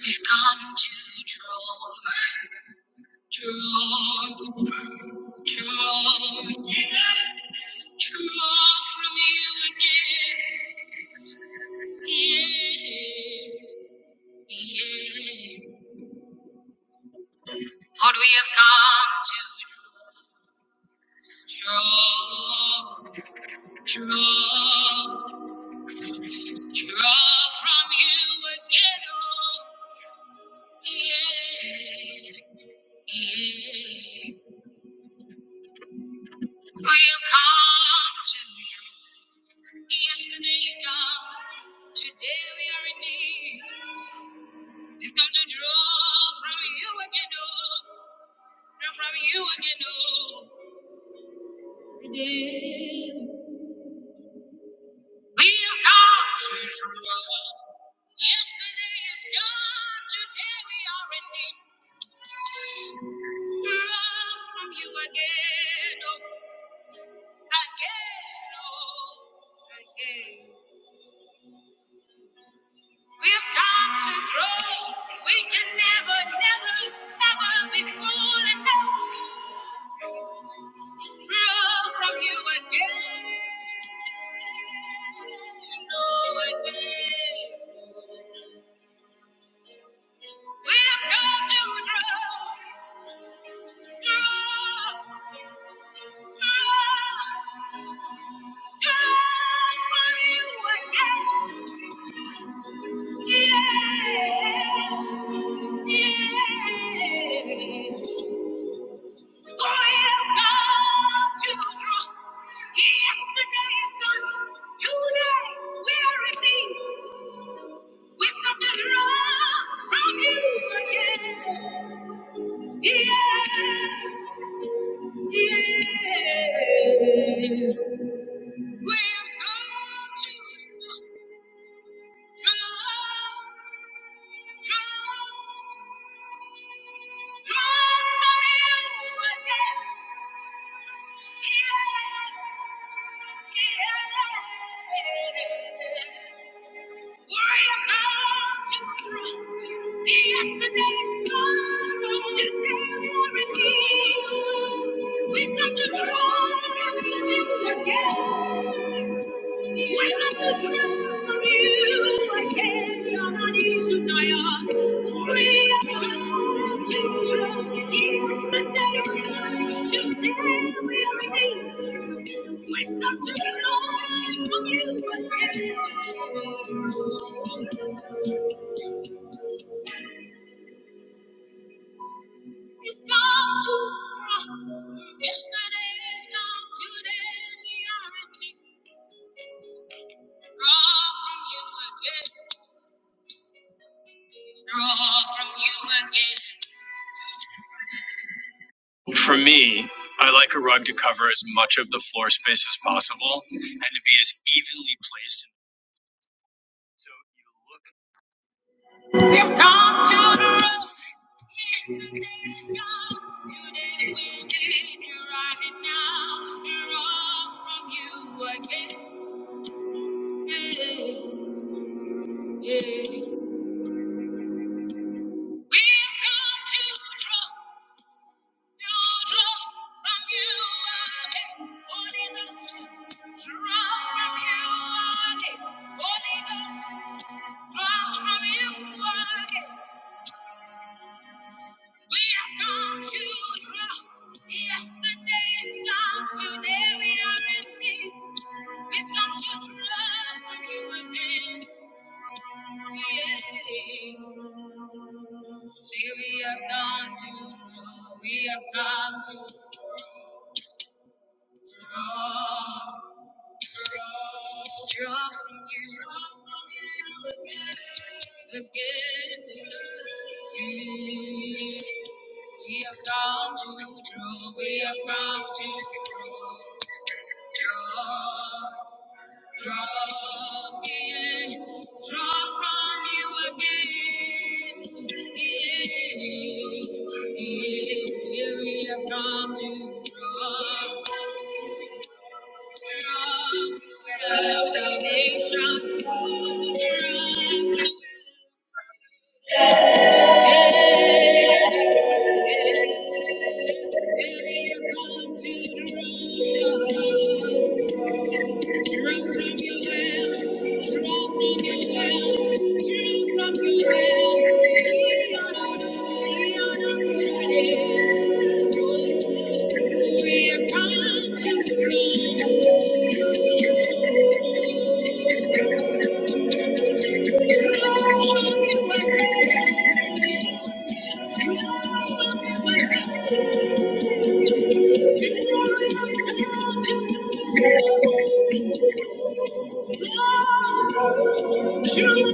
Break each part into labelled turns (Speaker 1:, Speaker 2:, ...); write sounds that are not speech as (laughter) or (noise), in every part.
Speaker 1: We've come to draw, draw. Draw, yeah, draw from you again. Yeah, yeah. For we have come to draw, draw, draw draw from you again. Oh, yeah, yeah. We have come to you. Yesterday is gone. Today we are in need. He's come to draw from you again, oh, draw from you again, oh. Today we have come to draw. Yesterday is gone, today we are in need. Draw from you again, oh, again, oh, again. We have come to draw. We can never, never, never be full enough. from you again. No again. We've come to draw, draw, draw, draw from you again. Yeah, yeah. Oh, we've come to draw. Yesterday is gone. Today we are redeemed. We've come to draw from you again. Yeah, yeah. We've come to draw, draw, draw from you again. Yeah, yeah. Worry about tomorrow. Yesterday's gone. You can't guarantee. Wake up to tomorrow again. Wake up to tomorrow you again. You're not to die. Yesterday's gone. Today we're released. Wake up to tomorrow you again. It's gone too far. Yesterday is gone. Today we are empty. Draw from you again. Draw from you again. For me, I like a rug to cover as much of the floor space as possible and to be as evenly placed. So you look. You've come to the room. Yesterday is gone. Today we did. Right now, draw from you again. Hey. Yeah. We've come to draw, to draw from you again. Holy Ghost, draw from you again. Holy Ghost, draw from you again. We have come to draw. Yesterday is gone, today we are in need. We've come to draw from you again. See, we have come to draw. We have come to draw. Draw draw from you again. We have come to draw. We have come to draw. draw, Draw again, draw from you again. Yeah, yeah, here we have come to draw, draw with our salvation. Draw, yeah, yeah, here we have come to draw. Thank you. Thank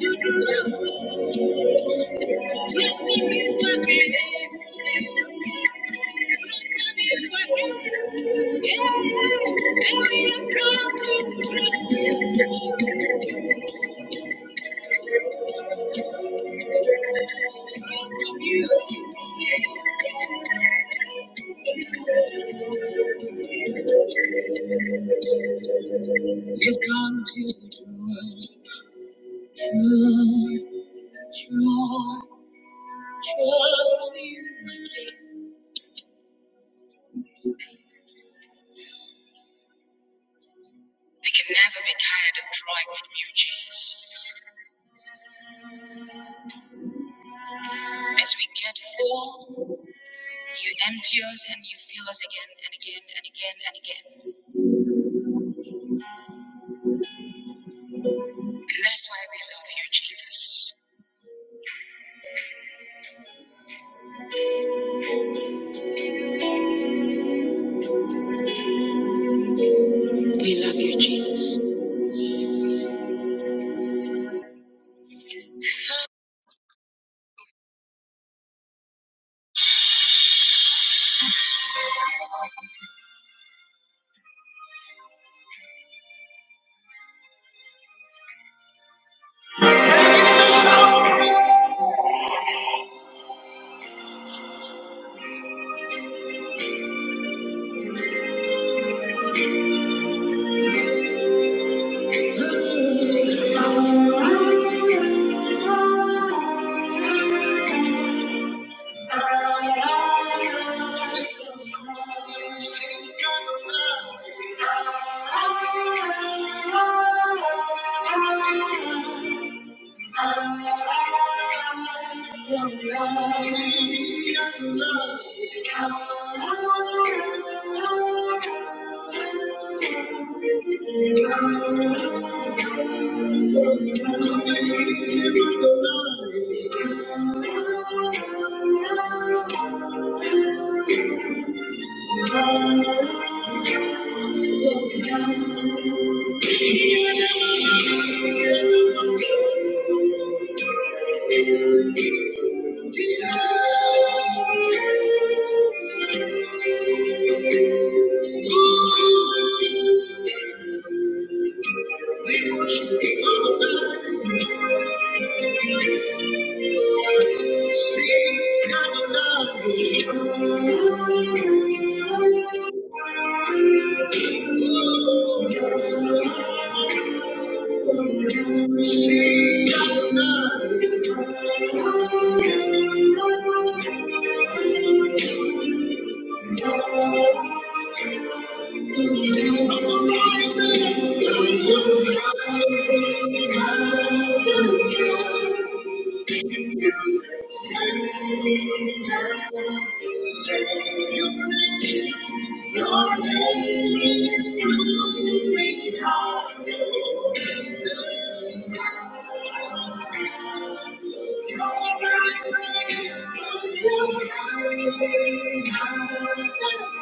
Speaker 1: you. You've come to draw, draw, draw, draw me. I can never be tired of drawing from you, Jesus. As we get full, you empty us and you fill us again and again and again and again. And that's why we love you, Jesus. We love you, Jesus. Thank you. Thank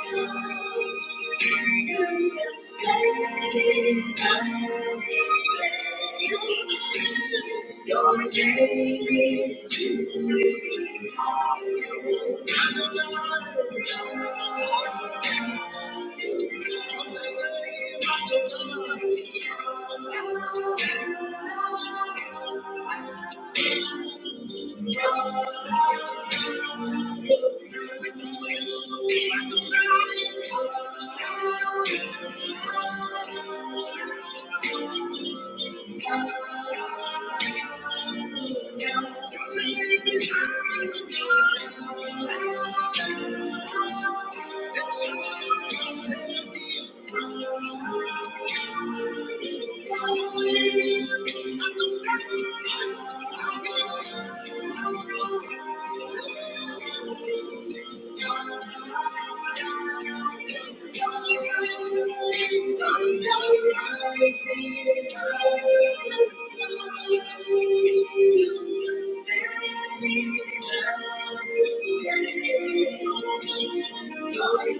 Speaker 1: you. Your name is to be Your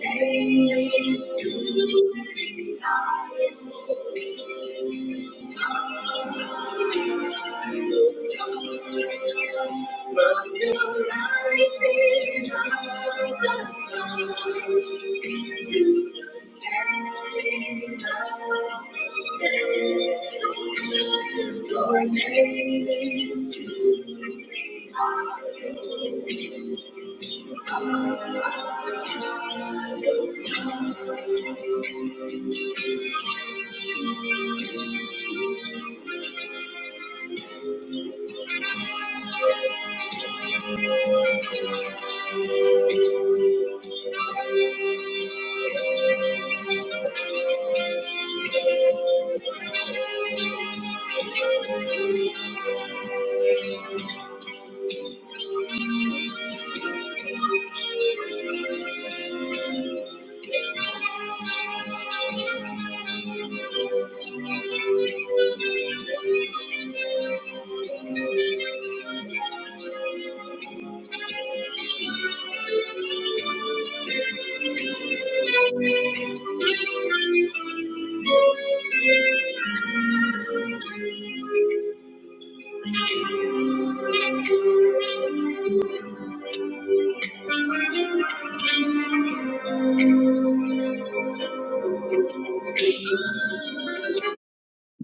Speaker 1: days to die. Your name is to Thank you.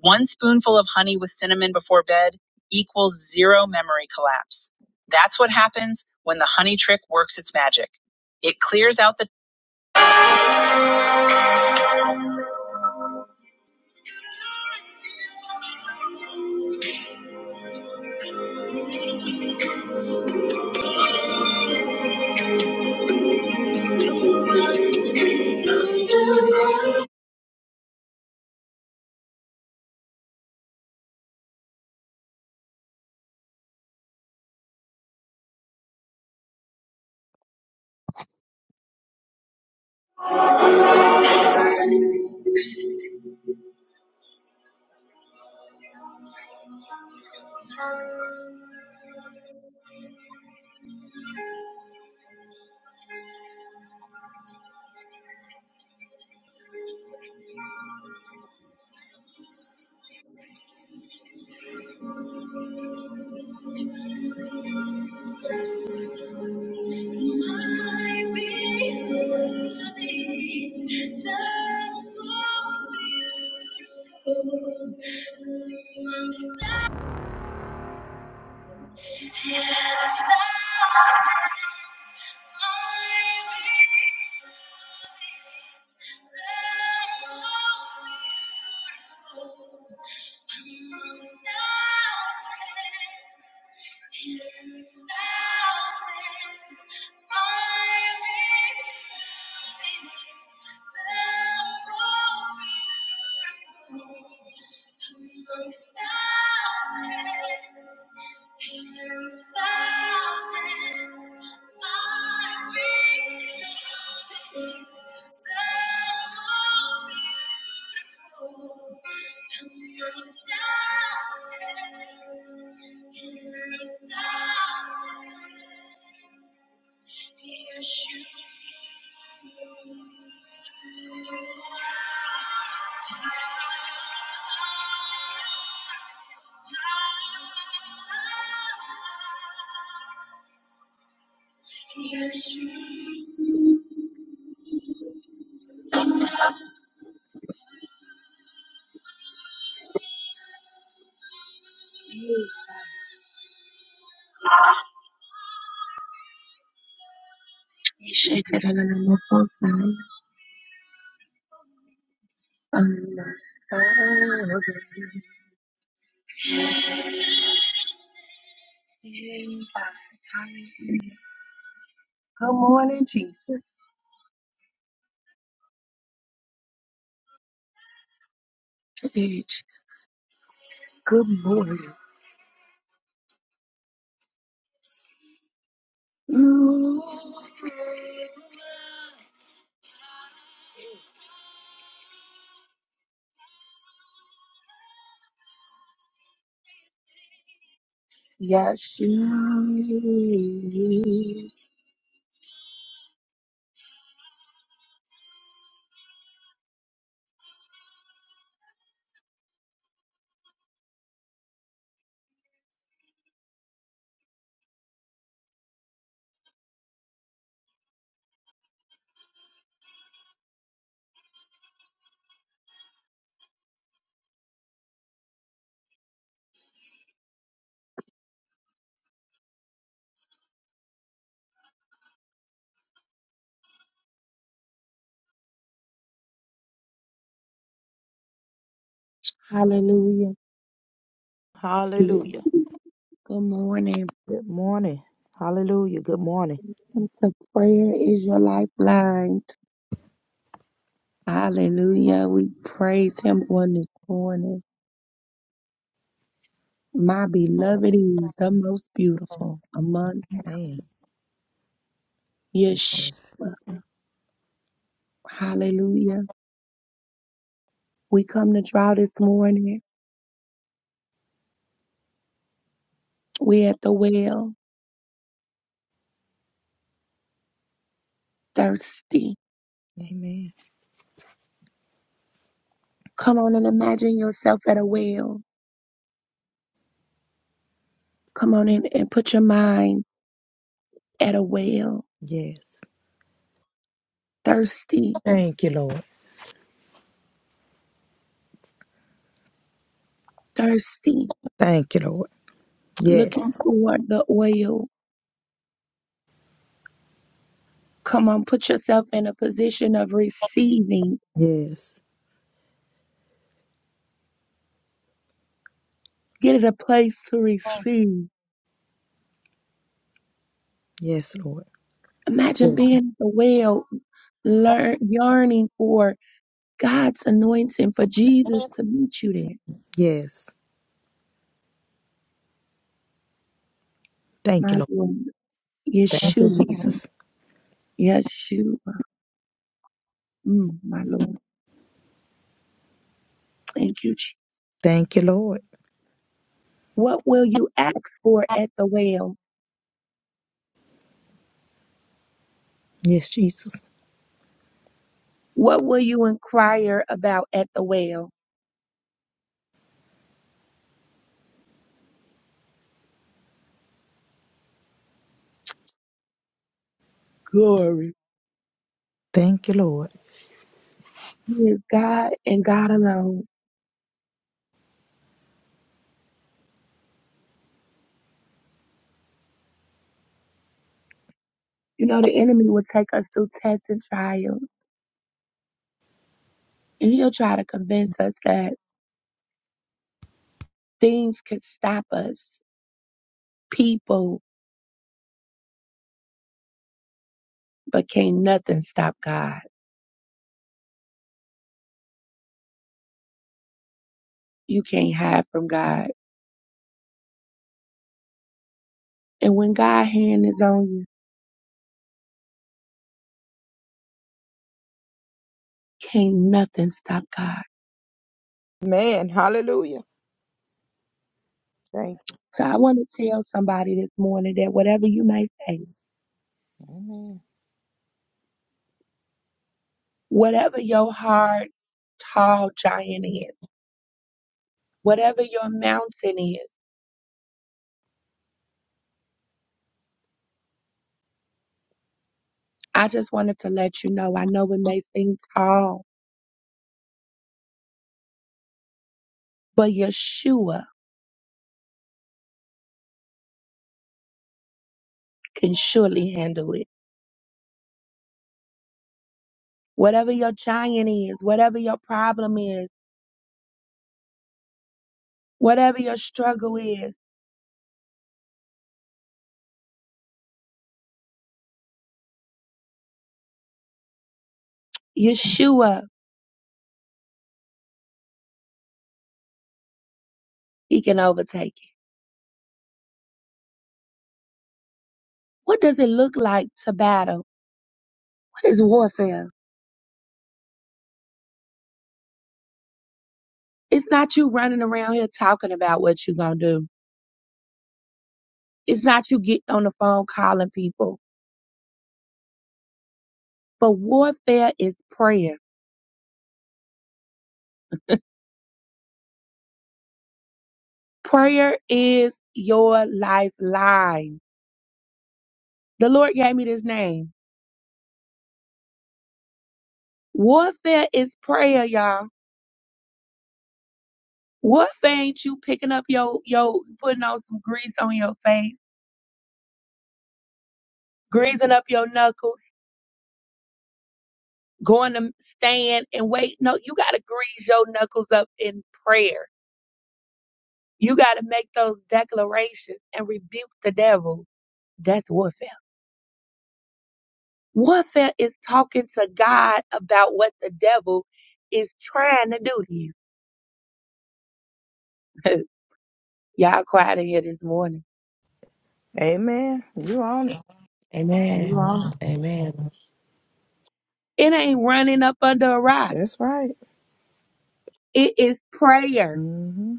Speaker 1: One spoonful of honey with cinnamon before bed equals zero memory collapse. That's what happens when the honey trick works its magic. It clears out the My beloved, the most beautiful among thousands. Thousands and thousands the In the local science unless Good morning, Jesus. Today, Good morning. Yashi. Hallelujah. Good
Speaker 2: Hallelujah.
Speaker 1: morning.
Speaker 2: Good morning. Hallelujah. Good morning.
Speaker 1: To prayer is your lifeline. Hallelujah. We praise him on this morning. My beloved is the most beautiful among
Speaker 2: Amen.
Speaker 1: thousands. Yeshua. Hallelujah. We come to draw this morning. We at the well, thirsty.
Speaker 2: Amen.
Speaker 1: Come on and imagine yourself at a well. Come on in and put your mind at a well.
Speaker 2: Yes.
Speaker 1: Thirsty,
Speaker 2: Thank you, Lord.
Speaker 1: thirsty,
Speaker 2: Thank you, Lord. Yes.
Speaker 1: looking for the oil. Come on, put yourself in a position of receiving.
Speaker 2: Yes.
Speaker 1: Get it a place to receive.
Speaker 2: Yes, Lord.
Speaker 1: Imagine
Speaker 2: Yes.
Speaker 1: being at the well, learn, yearning for God's anointing, for Jesus to meet you there.
Speaker 2: Yes. Thank you,
Speaker 1: My
Speaker 2: Lord.
Speaker 1: Lord, Yeshua, Yeshua, mm, my Lord. Thank you, Jesus.
Speaker 2: Thank you, Lord.
Speaker 1: What will you ask for at the well?
Speaker 2: Yes, Jesus.
Speaker 1: What will you inquire about at the well? Glory.
Speaker 2: Thank you, Lord.
Speaker 1: He is God and God alone. You know, the enemy will take us through tests and trials, and he'll try to convince us that things can stop us, people, but can't nothing stop God. You can't hide from God. And when God's hand is on you, can't nothing stop God.
Speaker 2: Man. Hallelujah. Thank
Speaker 1: So I want to tell somebody this morning that whatever you may face,
Speaker 2: Amen. you.
Speaker 1: whatever your hard, tall giant is, whatever your mountain is, I just wanted to let you know. I know it may seem tall, but Yeshua can surely handle it. Whatever your giant is, whatever your problem is, whatever your struggle is, Yeshua, he can overtake it. What does it look like to battle? What is warfare? It's not you running around here talking about what you're going to do. It's not you getting on the phone calling people. But warfare is prayer. Prayer is your lifeline. The Lord gave me this name. Warfare is prayer, y'all. Warfare ain't you picking up your your putting on some grease on your face, greasing up your knuckles, going to stand and wait. No, you gotta grease your knuckles up in prayer. You gotta make those declarations and rebuke the devil. That's warfare. Warfare is talking to God about what the devil is trying to do to you. (laughs) y'all quiet in here this morning.
Speaker 2: Amen. You on it. You
Speaker 3: Amen.
Speaker 2: on it.
Speaker 3: Amen.
Speaker 1: It ain't running up under a rock.
Speaker 2: That's right.
Speaker 1: It is prayer.
Speaker 2: Mm-hmm.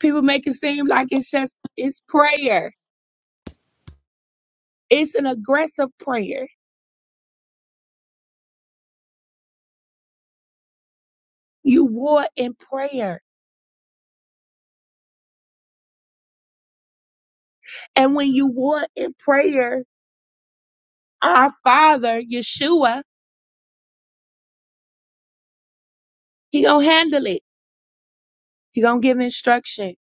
Speaker 1: People make it seem like it's just, it's prayer. It's an aggressive prayer. You war in prayer. And when you war in prayer, our Father, Yeshua, He gonna handle it. He gonna give instruction.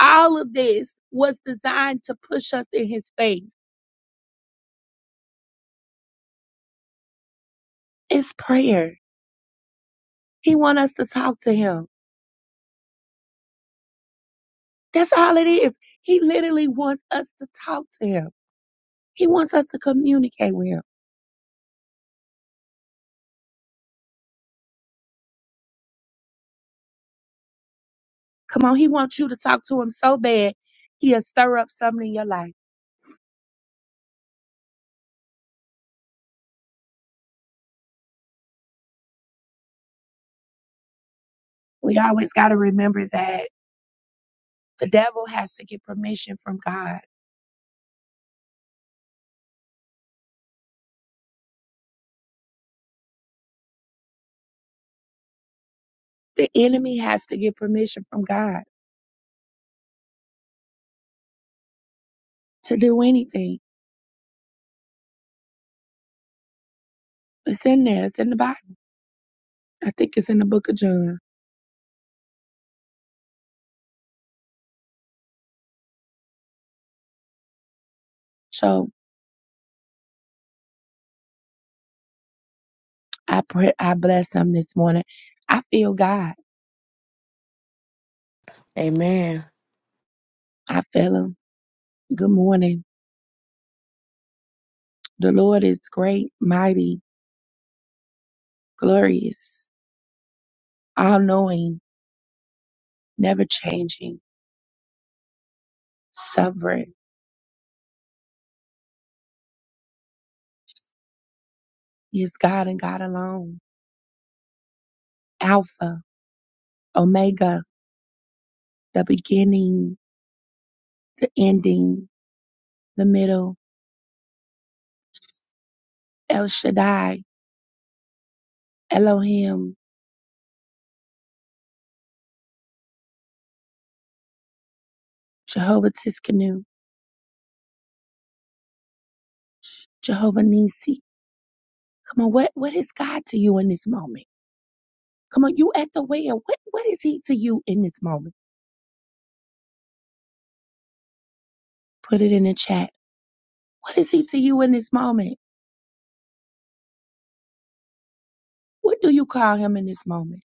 Speaker 1: All of this was designed to push us in His faith. It's prayer. He want us to talk to Him. That's all it is. He literally wants us to talk to Him. He wants us to communicate with Him. Come on, he wants you to talk to him so bad, he'll stir up something in your life. We always got to remember that the devil has to get permission from God. The enemy has to get permission from God to do anything. It's in there. It's in the Bible. I think it's in the book of John. So I pray, I bless him this morning. I feel God.
Speaker 3: Amen.
Speaker 1: I feel him. Good morning. The Lord is great, mighty, glorious, all knowing, never changing, sovereign. He is God and God alone. Alpha, Omega, the beginning, the ending, the middle, El Shaddai, Elohim, Jehovah Tiskanu, Jehovah Nisi. Come on, what, what is God to you in this moment? Come on, you at the well. What, what is he to you in this moment? Put it in the chat. What is he to you in this moment? What do you call him in this moment?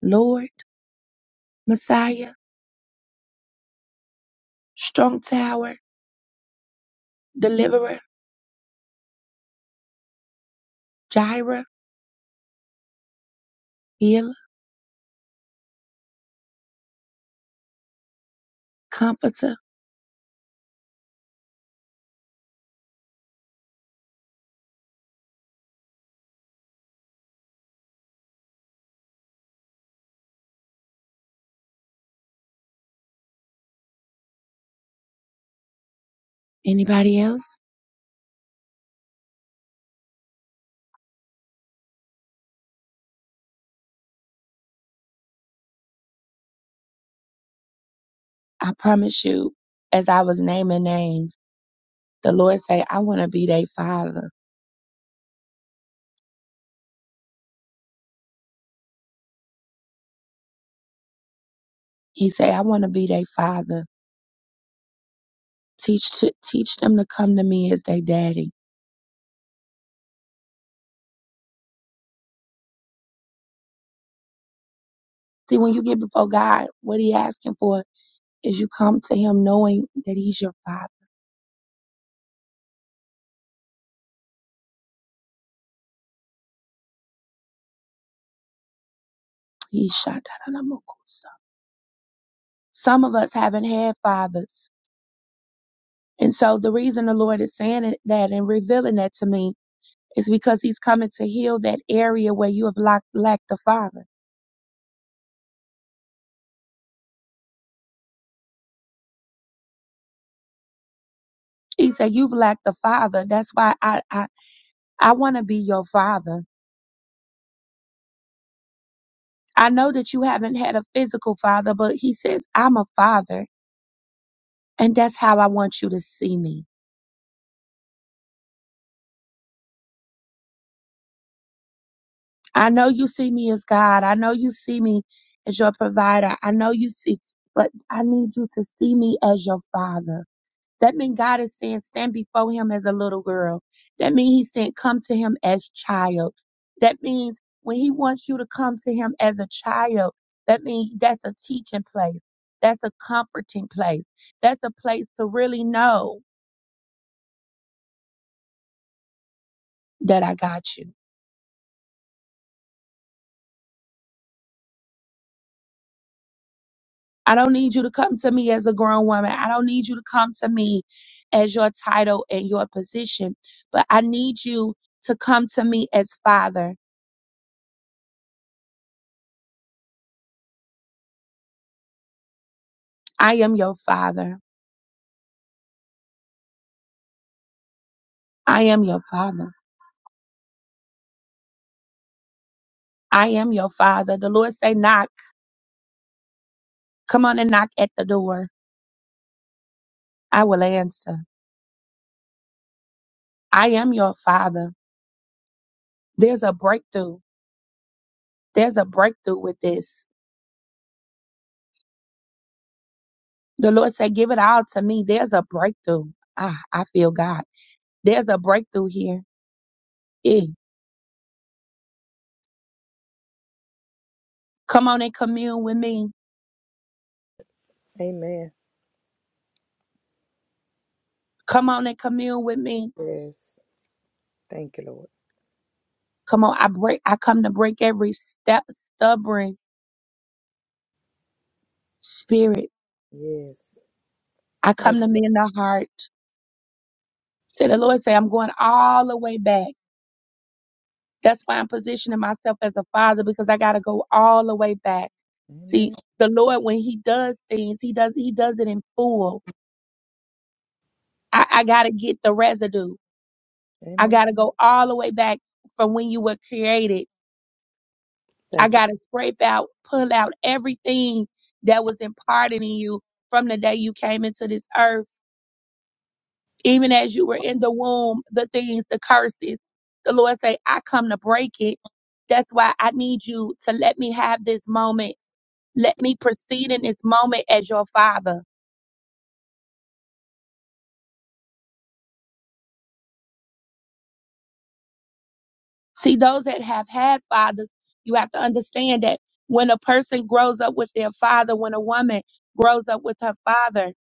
Speaker 1: Lord, Messiah, strong tower, deliverer, Jireh, healer, comforter. Anybody else? I promise you, as I was naming names, the Lord say, I want to be their father. He say, I want to be their father. Teach to, teach them to come to me as their daddy. See, when you get before God, what he asking for is you come to him knowing that he's your father. He shot that on a mokusa. Some of us haven't had fathers. And so the reason the Lord is saying it- that and revealing that to me is because he's coming to heal that area where you have lacked, lacked the father. He said, You've lacked a father. That's why I, I, I want to be your father. I know that you haven't had a physical father, but he says, I'm a father. And that's how I want you to see me. I know you see me as God. I know you see me as your provider. I know you see, but I need you to see me as your father. That means God is saying, stand before him as a little girl. That means he's saying, come to him as child. That means when he wants you to come to him as a child, that means that's a teaching place. That's a comforting place. That's a place to really know that I got you. I don't need you to come to me as a grown woman. I don't need you to come to me as your title and your position, but I need you to come to me as father. I am your father. I am your father. I am your father. The Lord say, knock. Come on and knock at the door. I will answer. I am your father. There's a breakthrough. There's a breakthrough with this. The Lord say, give it all to me. There's a breakthrough. Ah, I feel God. There's a breakthrough here. Eh. Come on and commune with me.
Speaker 2: Amen.
Speaker 1: Come on and commune with me.
Speaker 2: Yes. Thank you, Lord.
Speaker 1: Come on. I break, I come to break every step, stubborn spirit.
Speaker 2: Yes.
Speaker 1: I
Speaker 2: Thank
Speaker 1: come to
Speaker 2: you,
Speaker 1: mend
Speaker 2: Lord.
Speaker 1: the heart. So the Lord say, I'm going all the way back. That's why I'm positioning myself as a father because I got to go all the way back. See,
Speaker 2: Amen.
Speaker 1: the Lord, when He does things, He does He does it in full. I, I got to get the residue. I
Speaker 2: Amen.
Speaker 1: got to go all the way back from when you were created. I
Speaker 2: Thank you.
Speaker 1: got to scrape out, pull out everything that was imparted in you from the day you came into this earth, even as you were in the womb. The things, the curses. The Lord say, I come to break it. That's why I need you to let me have this moment Let me proceed in this moment as your father. See, those that have had fathers, you have to understand that when a person grows up with their father, when a woman grows up with her father,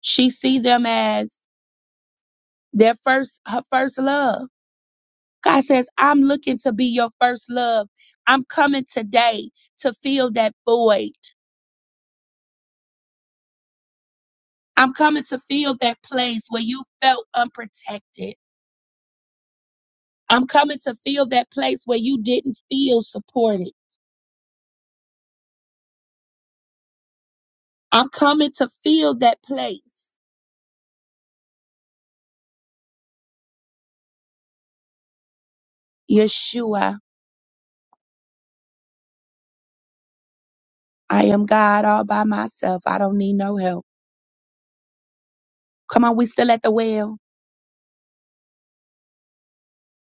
Speaker 1: she see them as their first, her first love. God says, I'm looking to be your first love. I'm coming today to fill that void. I'm coming to fill that place where you felt unprotected. I'm coming to fill that place where you didn't feel supported. I'm coming to fill that place. Yeshua, I am God all by myself. I don't need no help. Come on, we still at the well.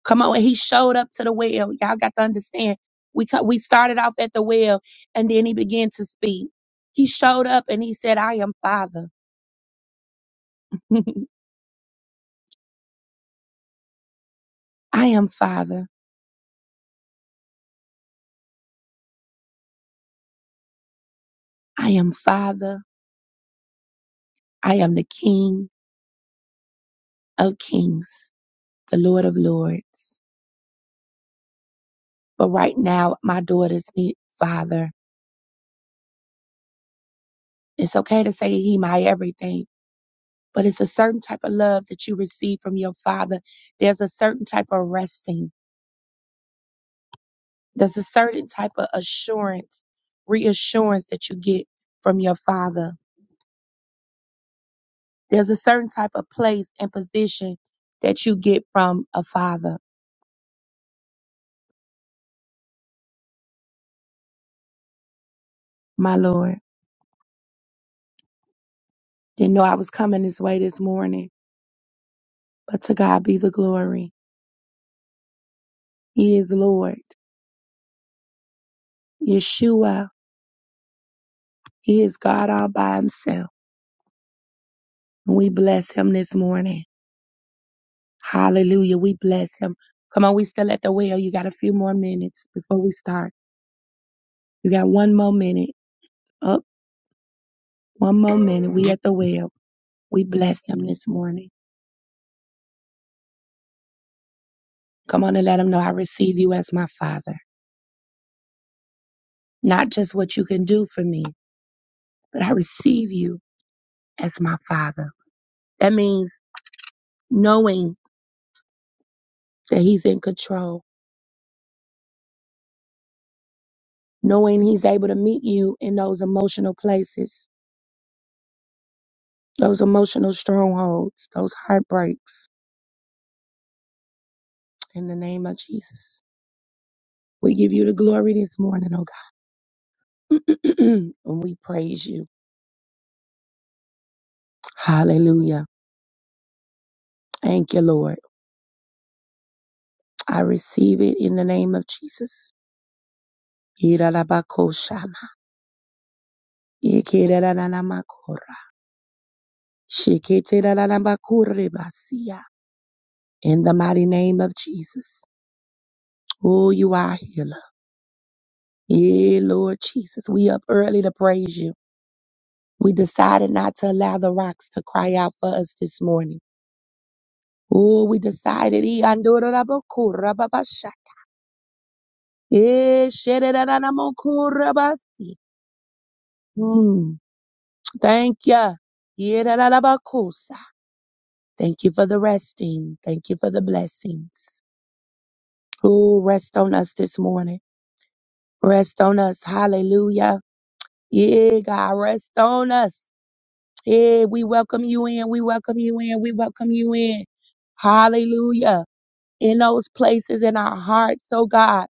Speaker 1: Come on, he showed up to the well. Y'all got to understand. We co- we started off at the well, and then he began to speak. He showed up and he said, "I am Father. (laughs) I am Father. I am Father. I am the King of Kings, the Lord of Lords." But right now, my daughters need Father. It's okay to say He my everything but it's a certain type of love that you receive from your father. There's a certain type of resting. There's a certain type of assurance, reassurance that you get from your father. There's a certain type of place and position that you get from a father, my Lord. Didn't know I was coming this way this morning, but to God be the glory. He is Lord. Yeshua. He is God all by himself. And we bless him this morning. Hallelujah. We bless him. Come on, we still at the well. You got a few more minutes before we start. You got one more minute. Up, one more minute. We at the well. We bless him this morning. Come on and let him know I receive you as my father. Not just what you can do for me, but I receive you as my father. That means knowing that he's in control, knowing he's able to meet you in those emotional places, those emotional strongholds, those heartbreaks in the name of Jesus. We give you the glory this morning, oh God. (clears throat) and we praise you. Hallelujah. Thank you, Lord. I receive it in the name of Jesus. Iralabakoshama. Ikerelalamakora. Shiketelalabakurebasia. In the mighty name of Jesus. Oh, you are a healer. Yeah, Lord Jesus. We up early to praise you. We decided not to allow the rocks to cry out for us this morning. Oh, we decided. Iandorabakura babasha. Eh, shererararamokurabasi. Hmm. Thank you. Yerararabakusa. Thank you for the resting. Thank you for the blessings. Who rest on us this morning? Rest on us. Hallelujah. Yeah, God, rest on us. Yeah, we welcome you in. We welcome you in. We welcome you in. Hallelujah. In those places in our hearts, oh God.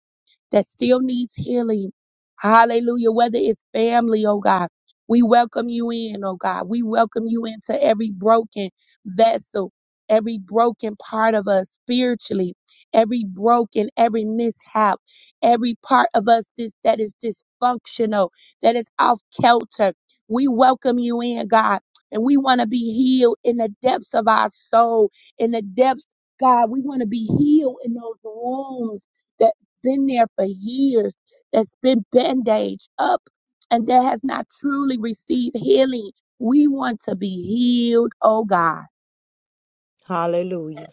Speaker 1: that still needs healing. Hallelujah. Whether it's family, oh God, we welcome you in, oh God. We welcome you into every broken vessel, every broken part of us spiritually, every broken, every mishap, every part of us this, that is dysfunctional, that is off kilter. We welcome you in, God. And we want to be healed in the depths of our soul, in the depths, God. We want to be healed in those wounds been there for years, that's been bandaged up, and that has not truly received healing. We want to be healed, oh God.
Speaker 2: Hallelujah.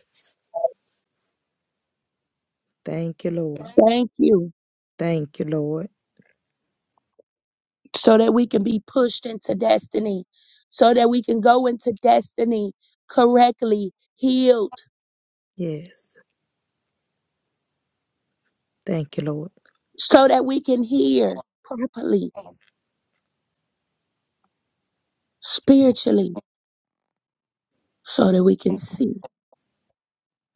Speaker 2: Thank you, Lord.
Speaker 1: Thank you.
Speaker 2: Thank you, Lord.
Speaker 1: So that we can be pushed into destiny, so that we can go into destiny correctly, healed,
Speaker 2: Yes. Thank you, Lord.
Speaker 1: so that we can hear properly, spiritually, so that we can see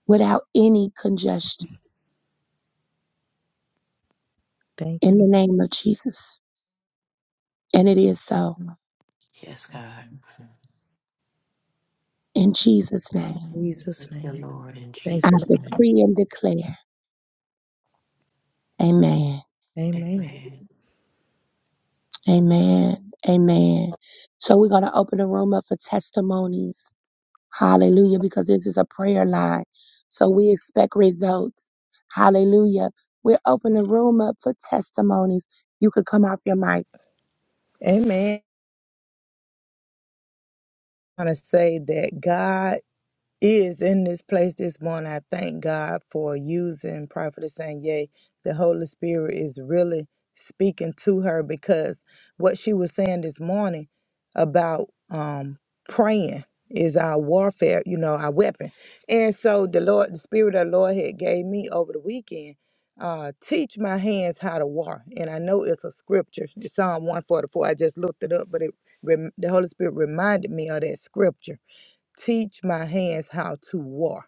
Speaker 1: without any congestion
Speaker 2: Thank you,
Speaker 1: in the
Speaker 2: Lord.
Speaker 1: name of Jesus. And it is so
Speaker 3: Yes, God.
Speaker 1: in Jesus'
Speaker 2: In
Speaker 1: name.
Speaker 3: Thank
Speaker 2: Jesus'
Speaker 3: you,
Speaker 2: name.
Speaker 3: Lord, in
Speaker 2: Thank
Speaker 1: I
Speaker 2: you,
Speaker 3: Jesus'
Speaker 2: Lord.
Speaker 3: name.
Speaker 1: decree and declare. Amen.
Speaker 2: Amen.
Speaker 3: Amen.
Speaker 1: Amen. Amen. So we're going to open the room up for testimonies. Hallelujah. Because this is a prayer line. So we expect results. Hallelujah. We're opening the room up for testimonies. You could come off your mic.
Speaker 2: Amen. I want to say that God. is in this place this morning. I thank God for using Prophetess Sanye. The Holy Spirit is really speaking to her because what she was saying this morning about um, praying is our warfare, you know, our weapon. And so the Lord, the Spirit of the Lord had gave me over the weekend, uh, teach my hands how to war. And I know it's a scripture, Psalm 144. I just looked it up, but it rem- the Holy Spirit reminded me of that scripture teach my hands how to war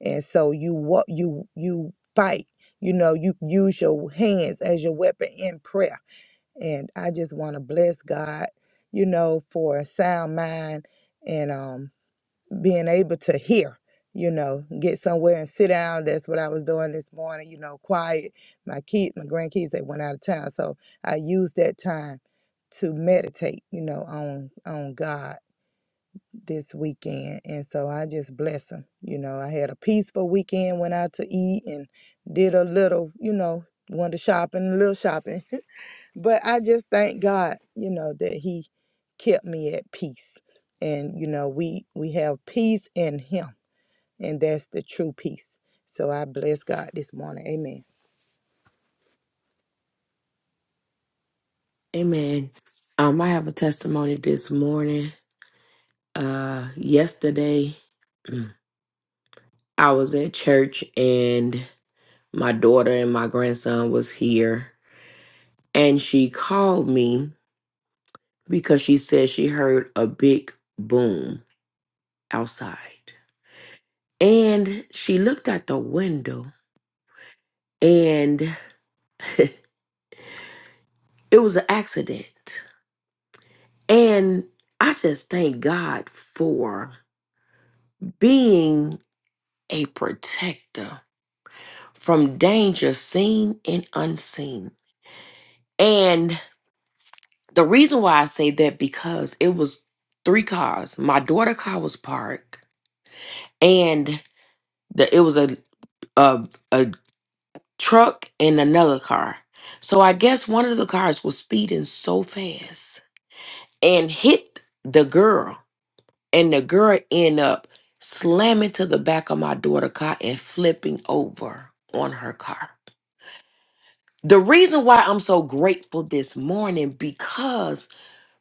Speaker 2: and so you what you you fight you know you use your hands as your weapon in prayer and i just want to bless god you know for a sound mind and um being able to hear you know get somewhere and sit down that's what i was doing this morning you know quiet my kid my grandkids they went out of town so i used that time to meditate you know on on god this weekend. And so I just bless him. You know, I had a peaceful weekend, went out to eat and did a little, you know, went to shopping, a little shopping. (laughs) but I just thank God, you know, that he kept me at peace. And, you know, we we have peace in him. And that's the true peace. So I bless God this morning. Amen.
Speaker 3: Amen. Um, I have a testimony this morning. Uh, yesterday, (clears throat) mm, I was at church and my daughter and my grandson was here, and she called me because she said she heard a big boom outside, and she looked out the window, It was an accident. And I just thank God for being a protector from danger seen and unseen. And the reason why I say that because it was three cars. My daughter's car was parked and the, it was a, a a truck and another car. So I guess one of the cars was speeding so fast and hit the girl and the girl end up slamming to the back of my daughter's car and flipping over on her car. The reason why I'm so grateful this morning because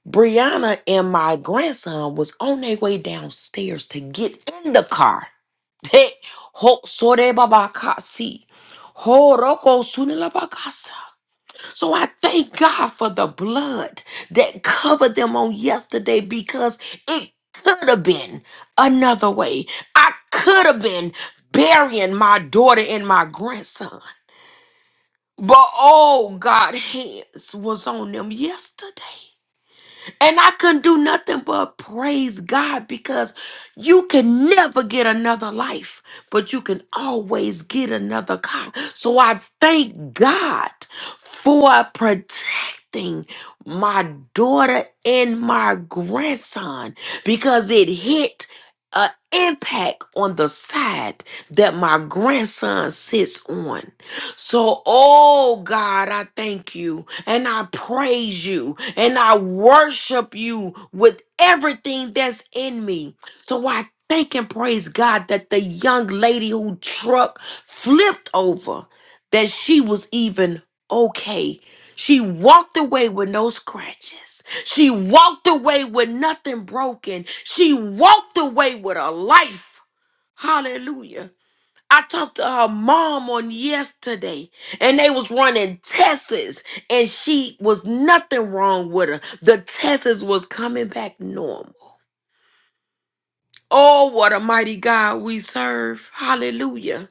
Speaker 3: Brianna and my grandson was on their way downstairs to get in the car. (laughs) Ho- sore baba kasi. Horoko sunilabakasa. So I thank God for the blood that covered them on yesterday because it could have been another way. I could have been burying my daughter and my grandson. But oh, God's hands was on them yesterday. And I couldn't do nothing but praise God because you can never get another life, but you can always get another car. So I thank God for protecting my daughter and my grandson because it hit an impact on the side that my grandson sits on. So, oh God, I thank you and I praise you and I worship you with everything that's in me. So, I thank and praise God that the young lady who truck flipped over, that she was even okay. She walked away with no scratches. She walked away with nothing broken. She walked away with a life. Hallelujah I talked to her mom on yesterday and they was running tests and she was nothing wrong with her. The tests was coming back normal. Oh, what a mighty God we serve. Hallelujah.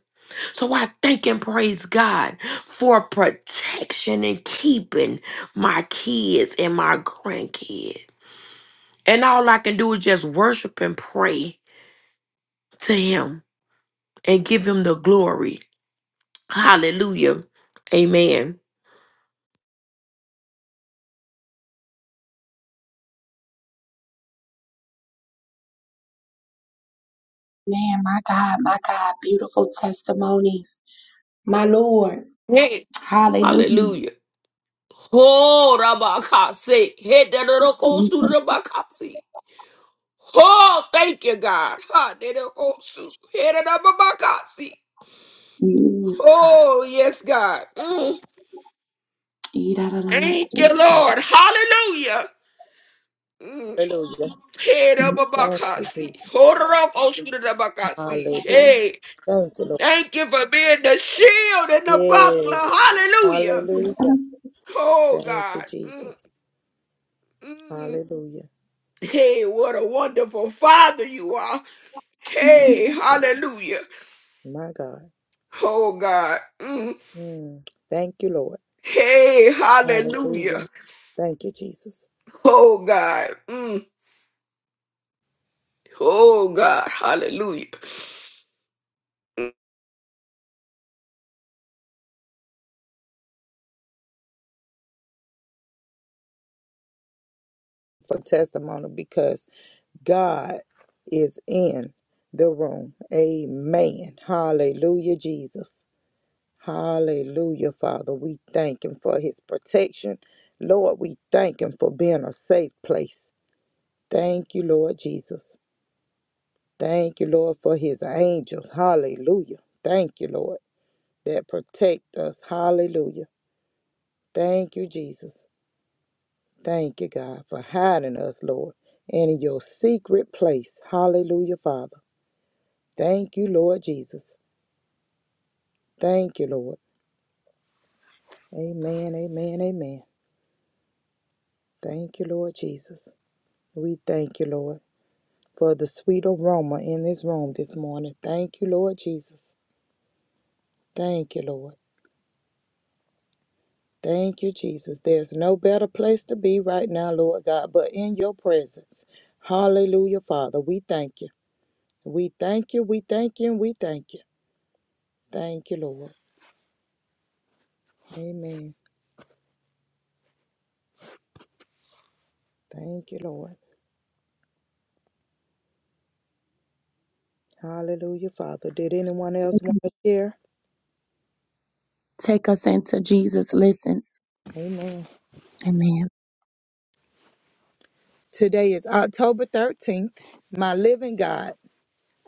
Speaker 3: So I thank and praise God for protection and keeping my kids and my grandkids. And all I can do is just worship and pray to him and give him the glory. Hallelujah. Amen.
Speaker 1: Man, my God, my God, beautiful testimonies. My Lord.
Speaker 3: Yeah.
Speaker 1: Hallelujah.
Speaker 3: Hallelujah. Oh, Rabakase. Hit that little coast
Speaker 1: Yes,
Speaker 3: to
Speaker 1: God.
Speaker 3: Rabakasi. Oh, thank you, God. Ha, that little coast to- hit it up, Rabakasi. Oh, yes, God. Mm.
Speaker 1: Yes, God.
Speaker 3: Thank you, Lord. Hallelujah. Mm.
Speaker 2: Hallelujah.
Speaker 3: Hit up,
Speaker 2: Thank you,
Speaker 3: Rabakasi.
Speaker 2: Jesus.
Speaker 3: Hold it up, coast to Rabakasi.
Speaker 2: Hallelujah.
Speaker 3: Hey,
Speaker 2: Thank you, Lord.
Speaker 3: thank you for being the shield and the
Speaker 2: Yes.
Speaker 3: buckler. Hallelujah.
Speaker 1: Hello.
Speaker 2: Hallelujah.
Speaker 3: Oh,
Speaker 2: Thank you,
Speaker 3: God.
Speaker 2: Jesus.
Speaker 3: Mm, mm.
Speaker 2: Hallelujah.
Speaker 3: Hey, what a wonderful father you are.
Speaker 1: Thank you.
Speaker 3: Hey, hallelujah.
Speaker 2: My God.
Speaker 3: Oh God. Mm.
Speaker 2: Mm. Thank you, Lord.
Speaker 3: Hey, hallelujah.
Speaker 2: Hallelujah. Thank you, Jesus,
Speaker 3: Oh God. Mm. Oh God. Hallelujah.
Speaker 2: for testimony because God is in the room. Amen. Hallelujah, Jesus. Hallelujah, Father. We thank Him for His protection. Lord, we thank Him for being a safe place. Thank you, Lord Jesus. Thank you, Lord, for His angels. Hallelujah. Thank you, Lord, that protect us. Hallelujah. Thank you, Jesus. Thank you, God, for hiding us, Lord, in your secret place. Hallelujah, Father. Thank you, Lord Jesus. Thank you, Lord. Amen, amen, amen. Thank you, Lord Jesus. We thank you, Lord, for the sweet aroma in this room this morning. Thank you, Lord Jesus. Thank you, Lord. Thank you, Jesus. There's no better place to be right now, Lord God, but in your presence. Hallelujah, Father. We thank you. We thank you. We thank you. And we thank you. Thank you, Lord. Amen. Thank you, Lord. Hallelujah, Father. Did anyone else want
Speaker 1: Take
Speaker 2: to share?
Speaker 1: take us into Jesus' listens.
Speaker 2: Amen.
Speaker 1: Amen.
Speaker 2: Today is October 13th. My living God,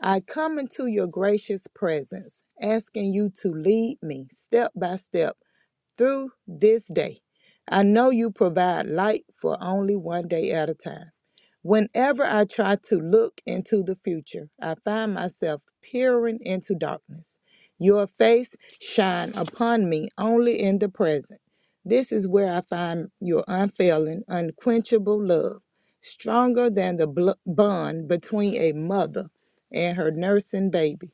Speaker 2: I come into your gracious presence, asking you to lead me step by step through this day. I know you provide light for only one day at a time. Whenever I try to look into the future, I find myself peering into darkness. Your face shine upon me only in the present. This is where I find your unfailing, unquenchable love, stronger than the bl- bond between a mother and her nursing baby.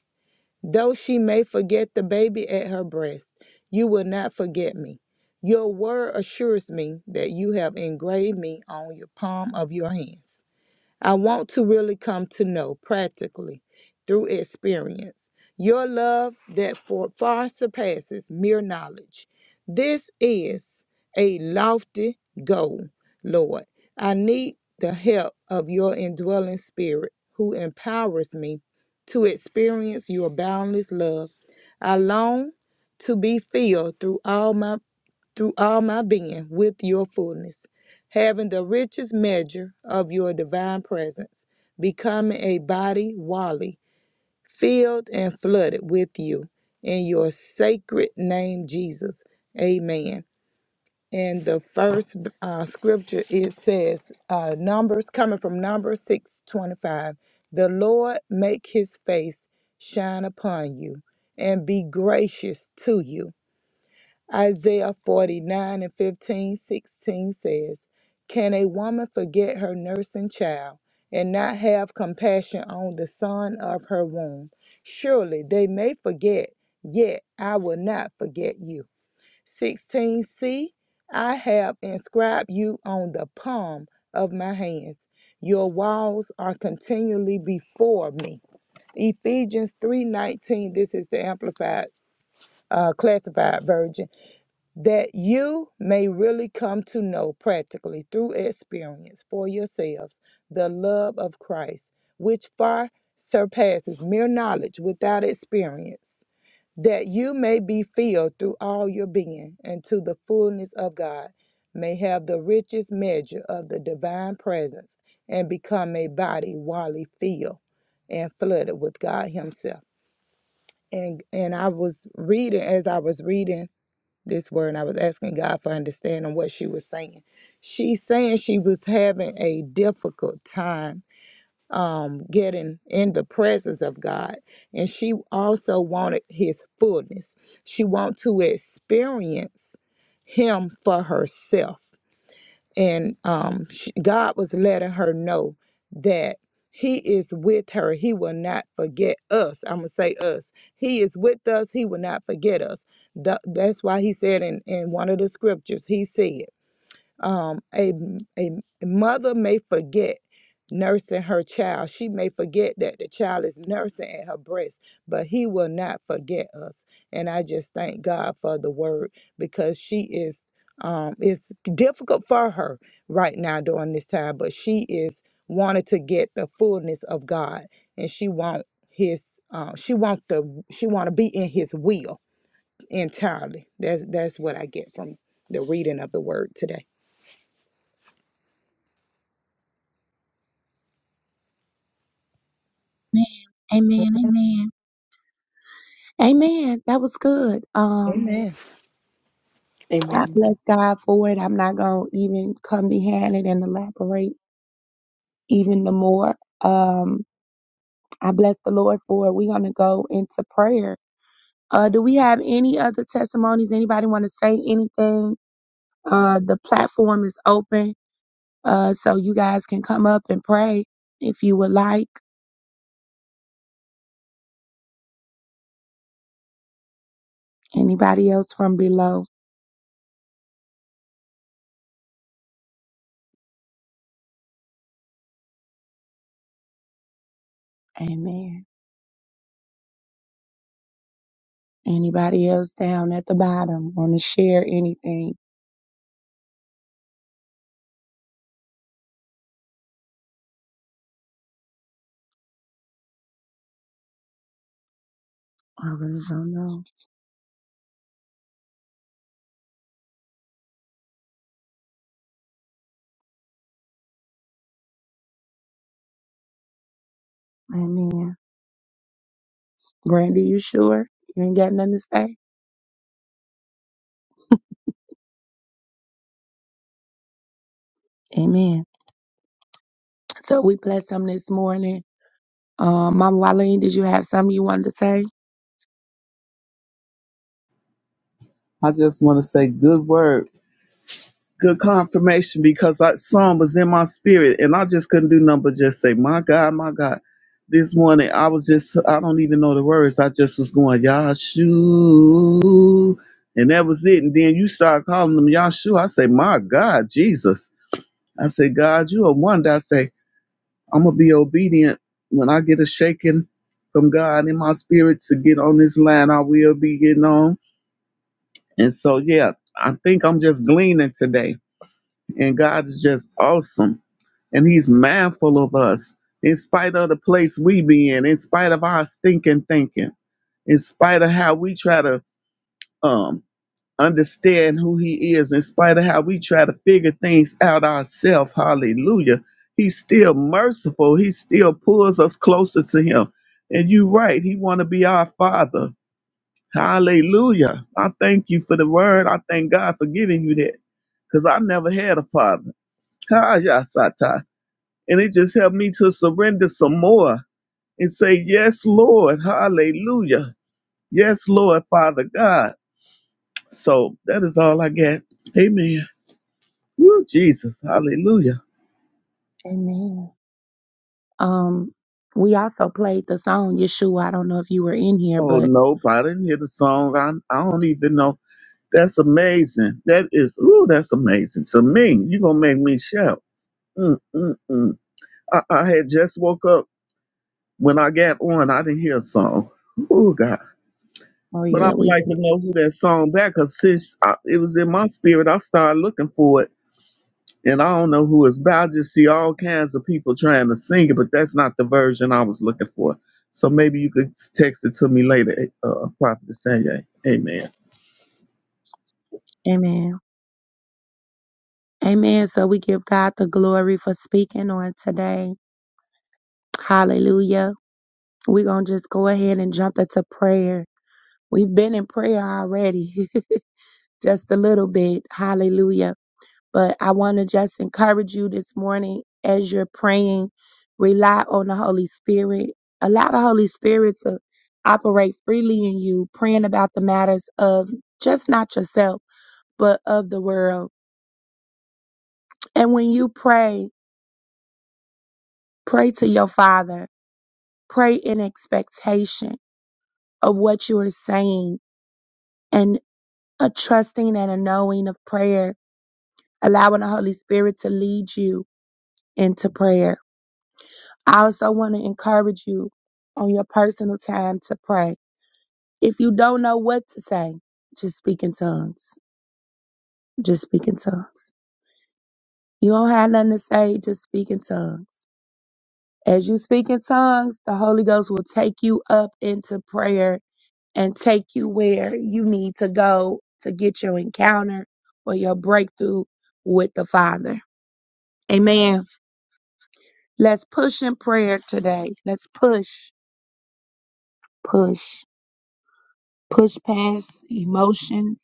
Speaker 2: Though she may forget the baby at her breast, you will not forget me. Your word assures me that you have engraved me on your palm of your hands. I want to really come to know practically through experience your love that for far surpasses mere knowledge. This is a lofty goal, Lord. I need the help of your indwelling spirit who empowers me to experience your boundless love. I long to be filled through all my through all my being with your fullness having the richest measure of your divine presence, becoming a body wally, filled and flooded with you. In your sacred name, Jesus. Amen. And the first uh, scripture it says, uh, Numbers coming from Numbers six twenty five. The Lord make his face shine upon you and be gracious to you Isaiah 49 and 15 16 says, Can a woman forget her nursing child and not have compassion on the son of her womb? Surely they may forget, yet I will not forget you. 16c, see, I have inscribed you on the palm of my hands. Your walls are continually before me. Ephesians 3:19, this is the amplified uh, classified version that you may really come to know practically through experience for yourselves the love of Christ, which far surpasses mere knowledge without experience, that you may be filled through all your being and to the fullness of God, may have the richest measure of the divine presence and become a body wholly filled and flooded with God Himself. And and I was reading as I was reading this word and I was asking God for understanding what she was saying. She's saying she was having a difficult time um getting in the presence of God and she also wanted his fullness. She wanted to experience him for herself and um, sh God was letting her know that He is with her. He will not forget us. I'm gonna say us. He is with us. He will not forget us. Tha- that's why He said in, in one of the scriptures, He said. Um, a, a mother may forget nursing her child. She may forget that the child is nursing at her breast, but he will not forget us. And I just thank God for the word because she is um it's difficult for her right now during this time, but she is wanting to get the fullness of God and she want his um she want the she want to be in his will entirely. That's that's what I get from the reading of the word today.
Speaker 1: Amen. Amen. Amen. Amen. That was good. Um, I
Speaker 3: Amen.
Speaker 1: bless God for it. I'm not gonna even come behind it and elaborate even the more. Um, I bless the Lord for it. We're gonna go into prayer. Uh, do we have any other testimonies? Anybody want to say anything? Uh, the platform is open, uh, so you guys can come up and pray if you would like. Anybody else from below? Amen. Anybody else down at the bottom want to share anything? I really don't know. Amen. Brandy, you sure? You ain't got nothing to say? Amen. So we bless them this morning. Um, Mama Wileen, did you have something you wanted to say?
Speaker 4: I just want to say good word, good confirmation because that song was in my spirit and I just couldn't do nothing but just say, my God, my God. This morning I was just, I don't even know the words. I just was going, Yahshua. And that was it. And then you start calling them Yahshua. I say, my God, Jesus. I say, God, you are one. I say, I'm going to be obedient when I get a shaking from God in my spirit to get on this line. I will be getting on and so, yeah, I think I'm just gleaning today. And God is just awesome. And He's mindful of us, in spite of the place we be in, in spite of our stinking thinking, in spite of how we try to um, understand who He is, in spite of how we try to figure things out ourselves. Hallelujah. He's still merciful. He still pulls us closer to Him. And you're right. He want to be our Father. Hallelujah. I thank you for the word. I thank God for giving you that because I never had a father. Kajasata. And it just helped me to surrender some more and say, Yes, Lord. Hallelujah. Yes, Lord, Father God. So that is all I got. Amen. Woo, Jesus. Hallelujah.
Speaker 1: Amen. Um, we also played the song Yeshua. I don't know if you were in here,
Speaker 4: Oh,
Speaker 1: but
Speaker 4: nope. I didn't hear the song. I, I don't even know. That's amazing. That is, ooh, that's amazing to me. You're going to make me shout. Mm, mm, mm. I, I had just woke up when I got on. I didn't hear a song. Oh God!
Speaker 1: oh
Speaker 4: But I
Speaker 1: yeah,
Speaker 4: would
Speaker 1: we
Speaker 4: like to know who that song back, cause since I, it was in my spirit, I started looking for it, and I don't know who it's by. I just see all kinds of people trying to sing it, but that's not the version I was looking for. So maybe you could text it to me later, eh, uh, Prophet Sanye. Amen.
Speaker 1: Amen. Amen. So we give God the glory for speaking on today. Hallelujah. We're going to just go ahead and jump into prayer. We've been in prayer already, (laughs) just a little bit. Hallelujah. But I want to just encourage you this morning as you're praying, rely on the Holy Spirit. Allow the Holy Spirit to operate freely in you, praying about the matters of just not yourself, but of the world. And when you pray, pray to your Father. Pray in expectation of what you are saying and a trusting and a knowing of prayer, allowing the Holy Spirit to lead you into prayer. I also want to encourage you on your personal time to pray. If you don't know what to say, just speak in tongues. Just speak in tongues. You don't have nothing to say, just speak in tongues. As you speak in tongues, the Holy Ghost will take you up into prayer and take you where you need to go to get your encounter or your breakthrough with the Father. Amen. Let's push in prayer today. Let's push, push, push past emotions,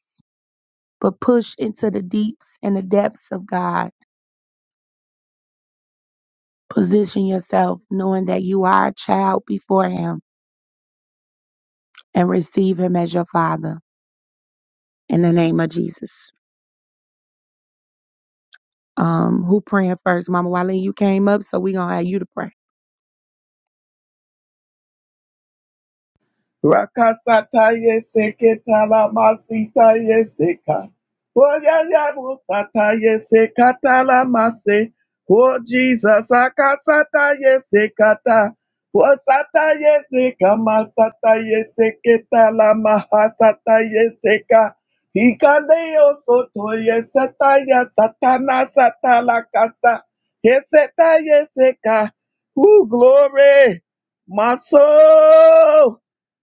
Speaker 1: but push into the deeps and the depths of God. Position yourself knowing that you are a child before Him and receive Him as your Father. In the name of Jesus. Um, who praying first? Mama Wiley, you came up, so we gonna have you to pray.
Speaker 4: Rakasataye seketalamasitaye seka. Oyayabusataye sekatalamase. Oh Jesus, akasataye sekata. Osataye sekamasataye seketalamahasataye seka. Ikandeo sotoye sataya satana satalakasa. yeseta yeseka, Ooh, glory. My soul.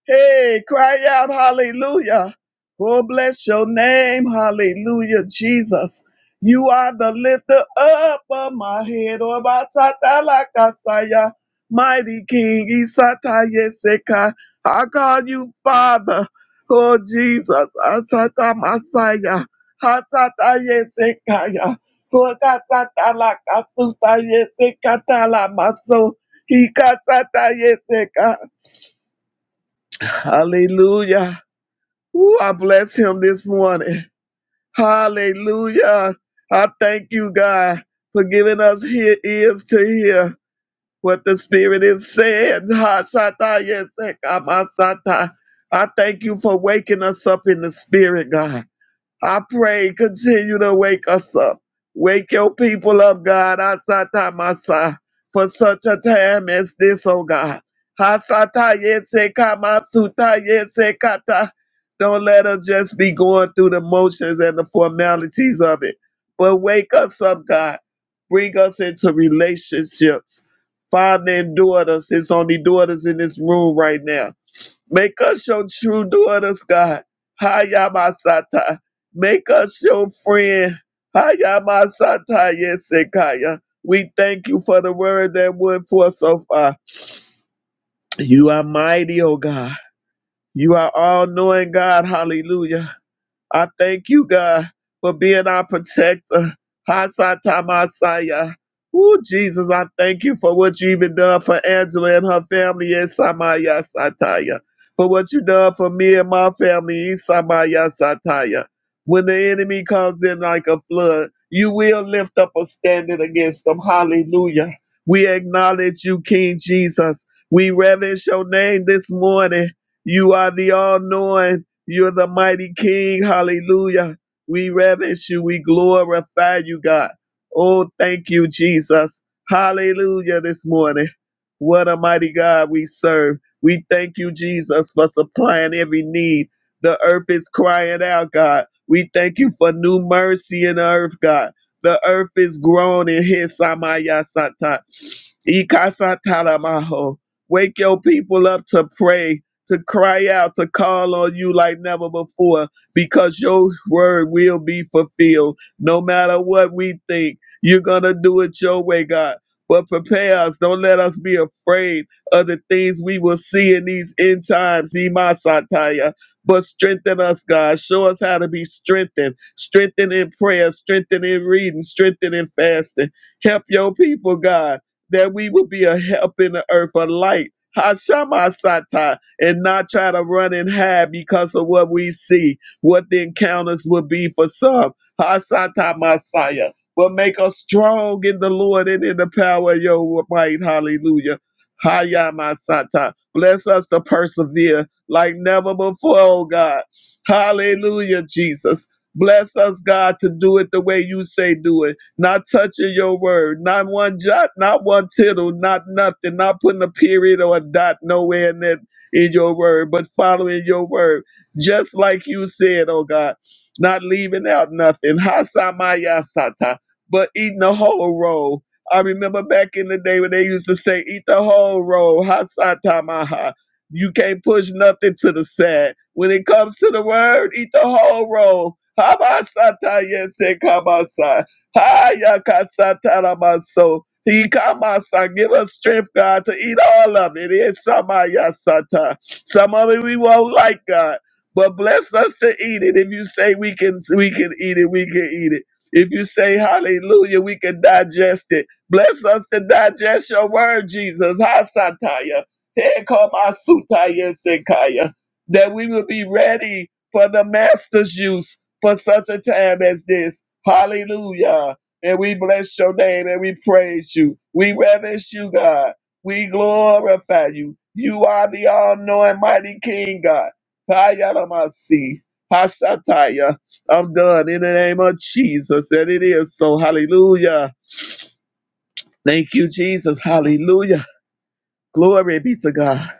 Speaker 4: Hey, cry out, hallelujah. Oh, bless your name, hallelujah, Jesus. You are the lifter up of my head, oh, basatalakasaya. mighty King, Isatayeseka. I call you Father, oh, Jesus, Asata Masaya, Hasatayesekaya. Oh, kasatalakasutayesekatala maso. Ikasatayeseka. Hallelujah. Ooh, I bless him this morning. Hallelujah. I thank you, God, for giving us here ears to hear what the Spirit is saying. Ha, shata, yes, eh, kama, sata. I thank you for waking us up in the Spirit, God. I pray, continue to wake us up. Wake your people up, God, Asata Masa, for such a time as this, oh God. Hasata Yese Kamasuta Yese Kata. Don't let us just be going through the motions and the formalities of it. But wake us up, God. Bring us into relationships. Father and daughters, it's only daughters in this room right now Make us your true daughters, God. Hayamasata. Make us your friend. Hayamasata Yesekaya. We thank you for the word that went forth so far. You are mighty, O God. You are all knowing God. Hallelujah. I thank you, God, for being our protector. Hasatamasaya. Ooh, Jesus, I thank you for what you even done for Angela and her family in Samaya Sataya. For what you done for me and my family in Samaya Sataya. When the enemy comes in like a flood, you will lift up a standard against them. Hallelujah. We acknowledge you, King Jesus. We reverence your name this morning. You are the all knowing. You're the mighty King. Hallelujah. We reverence you. We glorify you, God. Oh, thank you, Jesus. Hallelujah this morning. What a mighty God we serve. We thank you, Jesus, for supplying every need. The earth is crying out, God. We thank you for new mercy in the earth, God. The earth is groaning. Hisamaya sata. Ikasata lamaho. Wake your people up to pray to cry out, to call on you like never before, because your word will be fulfilled. No matter what we think, you're going to do it your way, God. But prepare us. Don't let us be afraid of the things we will see in these end times, Imasataya. But strengthen us, God. Show us how to be strengthened. Strengthen in prayer, strengthen in reading, strengthen in fasting. Help your people, God, that we will be a help in the earth, a light. Hashama and not try to run and hide because of what we see, what the encounters will be for some. Hasata Messiah. But make us strong in the Lord and in the power of your might. Hallelujah. Haya Masata. Bless us to persevere like never before, oh God. Hallelujah, Jesus. Bless us, God, to do it the way you say do it. Not touching your word, not one jot, not one tittle, not nothing, not putting a period or a dot nowhere in it in your word, but following your word, just like you said, oh God, not leaving out nothing. Hasamayasata, but eating the whole roll. I remember back in the day when they used to say, eat the whole roll. Hasatamaha. You can't push nothing to the side. When it comes to the word, eat the whole roll. Habasata yese kabasa. Hayakasata he come, my son, give us strength, God, to eat all of it. It's some of your sata. Some of it we won't like, God, but bless us to eat it. If you say we can, we can eat it, we can eat it. If you say hallelujah, we can digest it. Bless us to digest your word, Jesus. Ha sataya. Here come our sutaya sekaya. That we will be ready for the master's use for such a time as this. Hallelujah and we bless your name and we praise you. We reverence you, God. We glorify you. You are the all knowing mighty King, God. Hayalamasi. Hashataya. I'm done in the name of Jesus. And it is so. Hallelujah. Thank you, Jesus. Hallelujah. Glory be to God.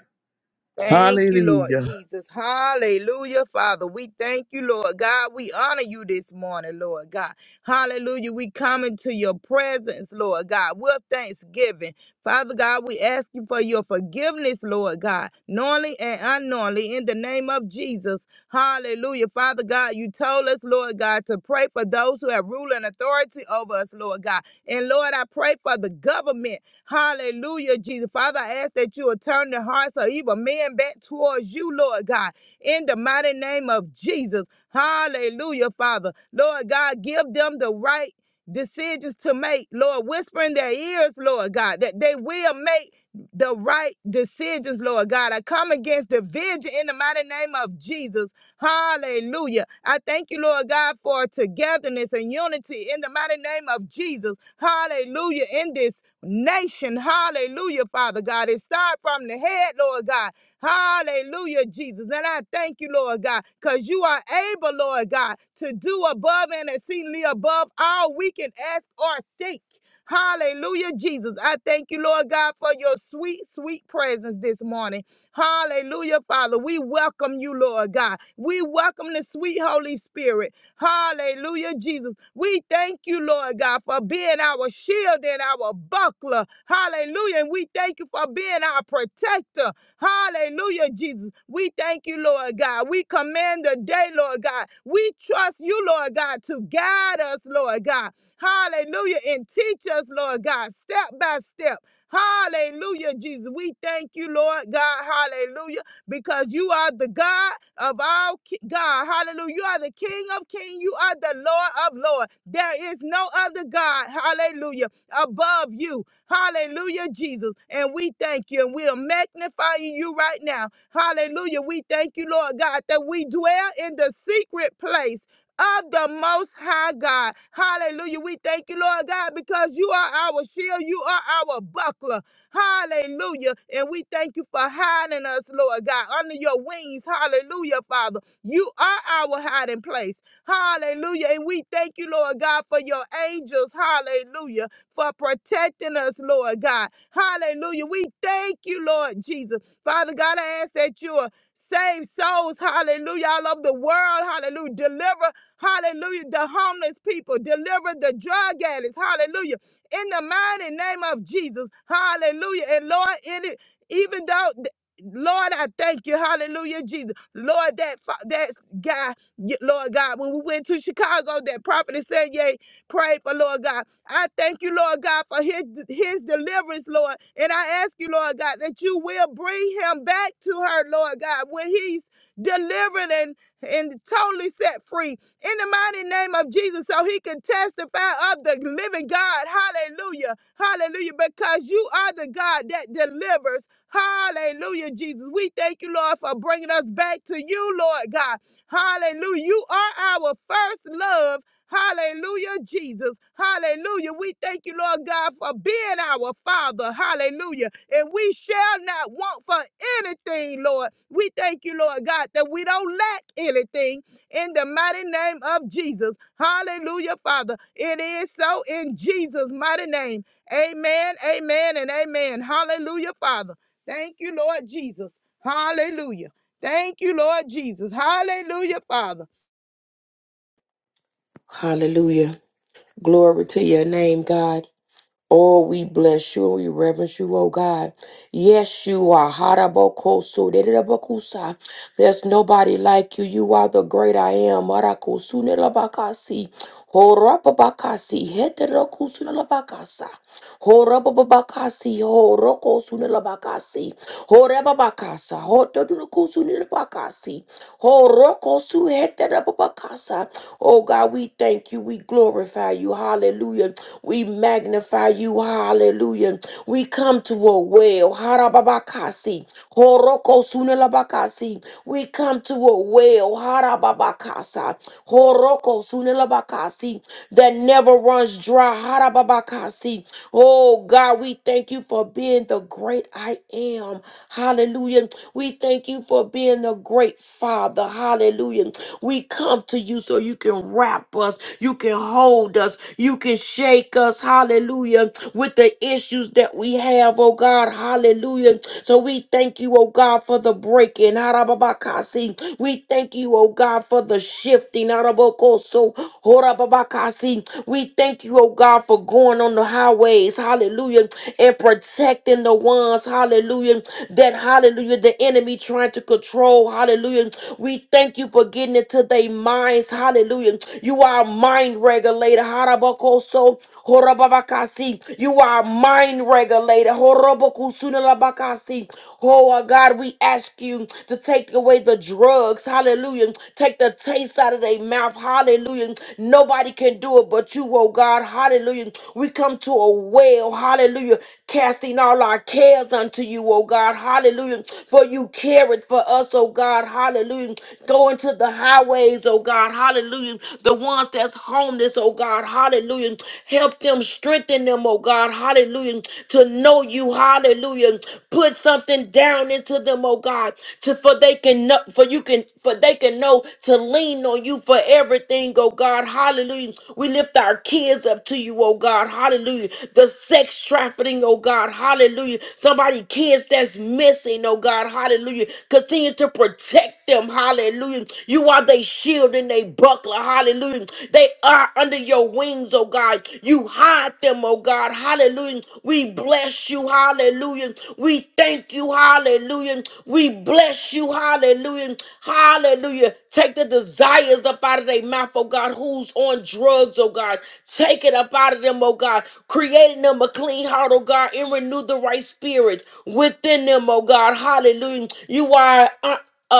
Speaker 2: Thank you, Lord
Speaker 4: Hallelujah.
Speaker 2: Jesus. Hallelujah, Father. We thank you, Lord God. We honor you this morning, Lord God. Hallelujah. We come into your presence, Lord God, with thanksgiving. Father God, we ask you for your forgiveness, Lord God, knowingly and unknowingly, in the name of Jesus. Hallelujah. Father God, you told us, Lord God, to pray for those who have rule and authority over us, Lord God. And Lord, I pray for the government Hallelujah, Jesus. Father, I ask that you will turn the hearts of evil men back towards you, Lord God, in the mighty name of Jesus. Hallelujah, Father. Lord God, give them the right decisions to make, Lord. Whisper in their ears, Lord God, that they will make the right decisions, Lord God. I come against division in the mighty name of Jesus. Hallelujah. I thank you, Lord God, for togetherness and unity in the mighty name of Jesus. Hallelujah. In this nation. Hallelujah, Father God. It started from the head, Lord God. Hallelujah, Jesus. And I thank you, Lord God, because you are able, Lord God, to do above and exceedingly above all we can ask or think. Hallelujah, Jesus. I thank you, Lord God, for your sweet, sweet presence this morning. Hallelujah, Father. We welcome you, Lord God. We welcome the sweet Holy Spirit. Hallelujah, Jesus. We thank you, Lord God, for being our shield and our buckler. Hallelujah. And we thank you for being our protector. Hallelujah, Jesus. We thank you, Lord God. We command the day, Lord God. We trust you, Lord God, to guide us, Lord God. Hallelujah. And teach us, Lord God, step by step. Hallelujah, Jesus. We thank you, Lord God. Hallelujah because you are the God of all ki- God. Hallelujah. You are the King of kings. You are the Lord of lords. There is no other God. Hallelujah. Above you. Hallelujah, Jesus. And we thank you and we are magnifying you right now. Hallelujah. We thank you, Lord God, that we dwell in the secret place of the Most High God. Hallelujah. We thank you, Lord God, because you are our shield, you are our buckler. Hallelujah. And we thank you for hiding us, Lord God, under your wings. Hallelujah, Father. You are our hiding place. Hallelujah. And we thank you, Lord God, for your angels. Hallelujah. For protecting us, Lord God. Hallelujah. We thank you, Lord Jesus. Father God, I ask that you will save souls. Hallelujah. All over the world. Hallelujah. Deliver. Hallelujah. The homeless people. Deliver the drug addicts. Hallelujah. In the mighty name of Jesus. Hallelujah. And Lord, in it, even though Lord, I thank you. Hallelujah, Jesus. Lord, that fa- that guy, Y- Lord God, when we went to Chicago, that prophet said, "Yay!" pray for Lord God. I thank you, Lord God, for his, his deliverance, Lord. And I ask you, Lord God, that you will bring him back to her, Lord God, when he's delivering and totally set free in the mighty name of Jesus so he can testify of the living God. Hallelujah. Hallelujah. Because you are the God that delivers. Hallelujah, Jesus. We thank you, Lord, for bringing us back to you, Lord God. Hallelujah. You are our first love. Hallelujah, Jesus. Hallelujah. We thank you, Lord God, for being our Father. Hallelujah. And we shall not want for anything, Lord. We thank you, Lord God, that we don't lack anything in the mighty name of Jesus. Hallelujah, Father. It is so in Jesus' mighty name. Amen, amen, and amen. Hallelujah, Father. Thank you, Lord Jesus. Hallelujah. Thank you, Lord Jesus. Hallelujah, Father.
Speaker 3: Hallelujah. Glory to your name, God. Oh, we bless you and we reverence you, oh God. Yes, you are. Harabokoso, dedidabokusa. There's nobody like you. You are the great I am. Marakosunelabakasi. Horapabakasi. Heterokusunelabakasa. Horababakasi, horoko sunilabakasi, horebabakasa, hotodunuku sunilabakasi, horoko suheterababakasa. Oh God, we thank you. We glorify you. Hallelujah. We magnify you. Hallelujah. We come to a well. Harababakasi, horoko sunilabakasi. We come to a well. Harababakasa, horoko sunilabakasi that never runs dry. Harababakasi. Oh God, we thank you for being the great I am. Hallelujah. We thank you for being the great Father. Hallelujah. We come to you so you can wrap us, you can hold us, you can shake us. Hallelujah. With the issues that we have, oh God. Hallelujah. So we thank you, oh God, for the breaking. Harababakasi. We thank you, oh God, for the shifting so horababakasi. We thank you, oh God, for going on the highways, hallelujah, and protecting the ones, hallelujah, that hallelujah, the enemy trying to control, hallelujah. We thank you for getting into their minds, hallelujah. You are a mind regulator, harabakoso, horababakasi. You are a mind regulator, horobokusunalabakasi. Oh, our God, we ask you to take away the drugs. Hallelujah. Take the taste out of their mouth. Hallelujah. Nobody can do it but you, oh God. Hallelujah. We come to a well. Hallelujah. Casting all our cares unto you, oh God. Hallelujah. For you care it for us, oh God. Hallelujah. Go into the highways, oh God. Hallelujah. The ones that's homeless, oh God. Hallelujah. Help them, strengthen them them, oh God, hallelujah, to know you, hallelujah. Put something down into them, oh God, to for they can know, for you can, for they can know to lean on you for everything, oh God, hallelujah. We lift our kids up to you, oh God, hallelujah. The sex trafficking, oh God, hallelujah. Somebody, kids that's missing, oh God, hallelujah. Continue to protect them, hallelujah. You are their shield and they buckler, hallelujah. Hallelujah. They are under your wings, oh God. You hide them, oh God. Hallelujah. We bless you. Hallelujah. We thank you. Hallelujah. We bless you. Hallelujah. Hallelujah. Take the desires up out of their mouth, oh God. Who's on drugs, oh God. Take it up out of them, oh God. Creating them a clean heart, oh God, and renew the right spirit within them, oh God. Hallelujah. You are. uh, uh,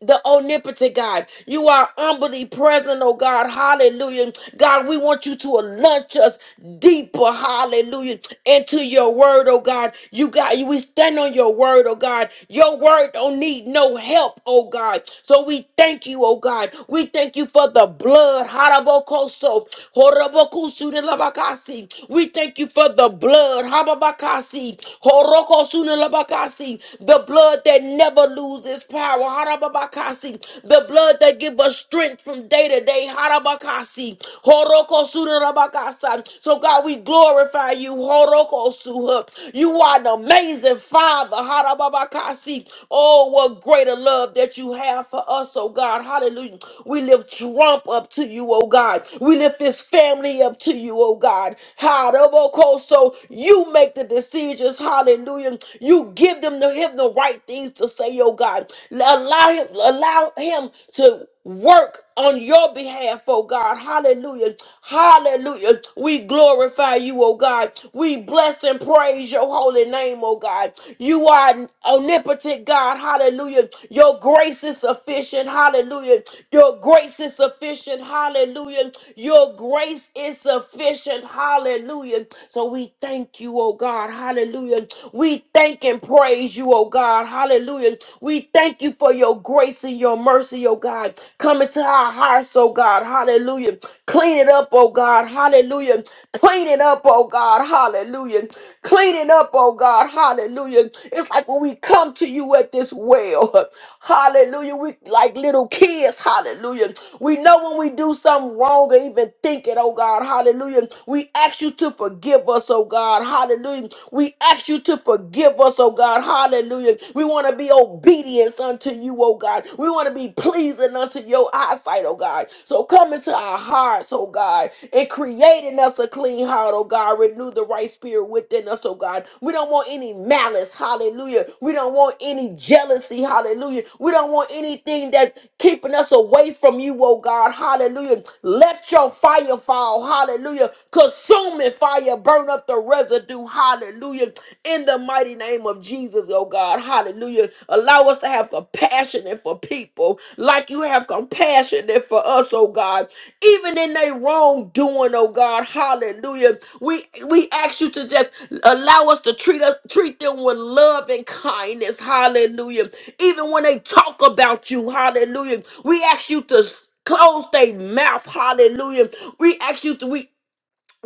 Speaker 3: the omnipotent God. You are omnipresent, oh God. Hallelujah. God, we want you to launch us deeper, hallelujah, into your word, oh God. You got we stand on your word, oh God. Your word don't need no help, oh God. So we thank you, oh God. We thank you for the blood. Harabokoso, horobokusu de labakasi. We thank you for the blood. Hababakasi, horokosu de labakasi. The blood that never lose its power. Harababakasi. The blood that give us strength from day to day. Harabakasi. Horokosurabakasa. So God, we glorify you. Horokosuha. You are an amazing Father. Harababakasi. Oh, what greater love that you have for us, oh God. Hallelujah. We lift Trump up to you, oh God. We lift his family up to you, oh God. Haraboko. So you make the decisions. Hallelujah. You give them the Give him the right things to say, oh God. Allow him, allow him to work on your behalf, oh God. Hallelujah. Hallelujah. We glorify you, oh God. We bless and praise your holy name, oh God. You are omnipotent God. Hallelujah. Your grace is sufficient. Hallelujah. Your grace is sufficient. Hallelujah. Your grace is sufficient. Hallelujah. So we thank you, oh God. Hallelujah. We thank and praise you, oh God. Hallelujah. We thank you for your grace and your mercy, oh God. Coming to our hearts, oh God. Hallelujah. Clean it up, oh God. Hallelujah. Clean it up, oh God. Hallelujah. Clean it up, oh God. Hallelujah. It's like when we come to you at this well. (laughs) Hallelujah. We like little kids. Hallelujah. We know when we do something wrong or even think it, oh God. Hallelujah. We ask you to forgive us, oh God. Hallelujah. We ask you to forgive us, oh God. Hallelujah. We want to be obedient unto you, oh God. We want to be pleasing unto your eyesight, oh God. So come into our hearts, oh God, and create in us a clean heart, oh God. Renew the right spirit within us, oh God. We don't want any malice, hallelujah. We don't want any jealousy, hallelujah. We don't want anything that keeping us away from you, oh God, hallelujah. Let your fire fall, hallelujah. Consuming fire fire, burn up the residue. Hallelujah. In the mighty name of Jesus, oh God. Hallelujah. Allow us to have compassion for people like you have compassion for us, oh God. Even in their wrongdoing, oh God. Hallelujah. We we ask you to just allow us to treat us treat them with love and kindness. Hallelujah. Even when they talk about you, hallelujah. We ask you to close their mouth. Hallelujah. We ask you to we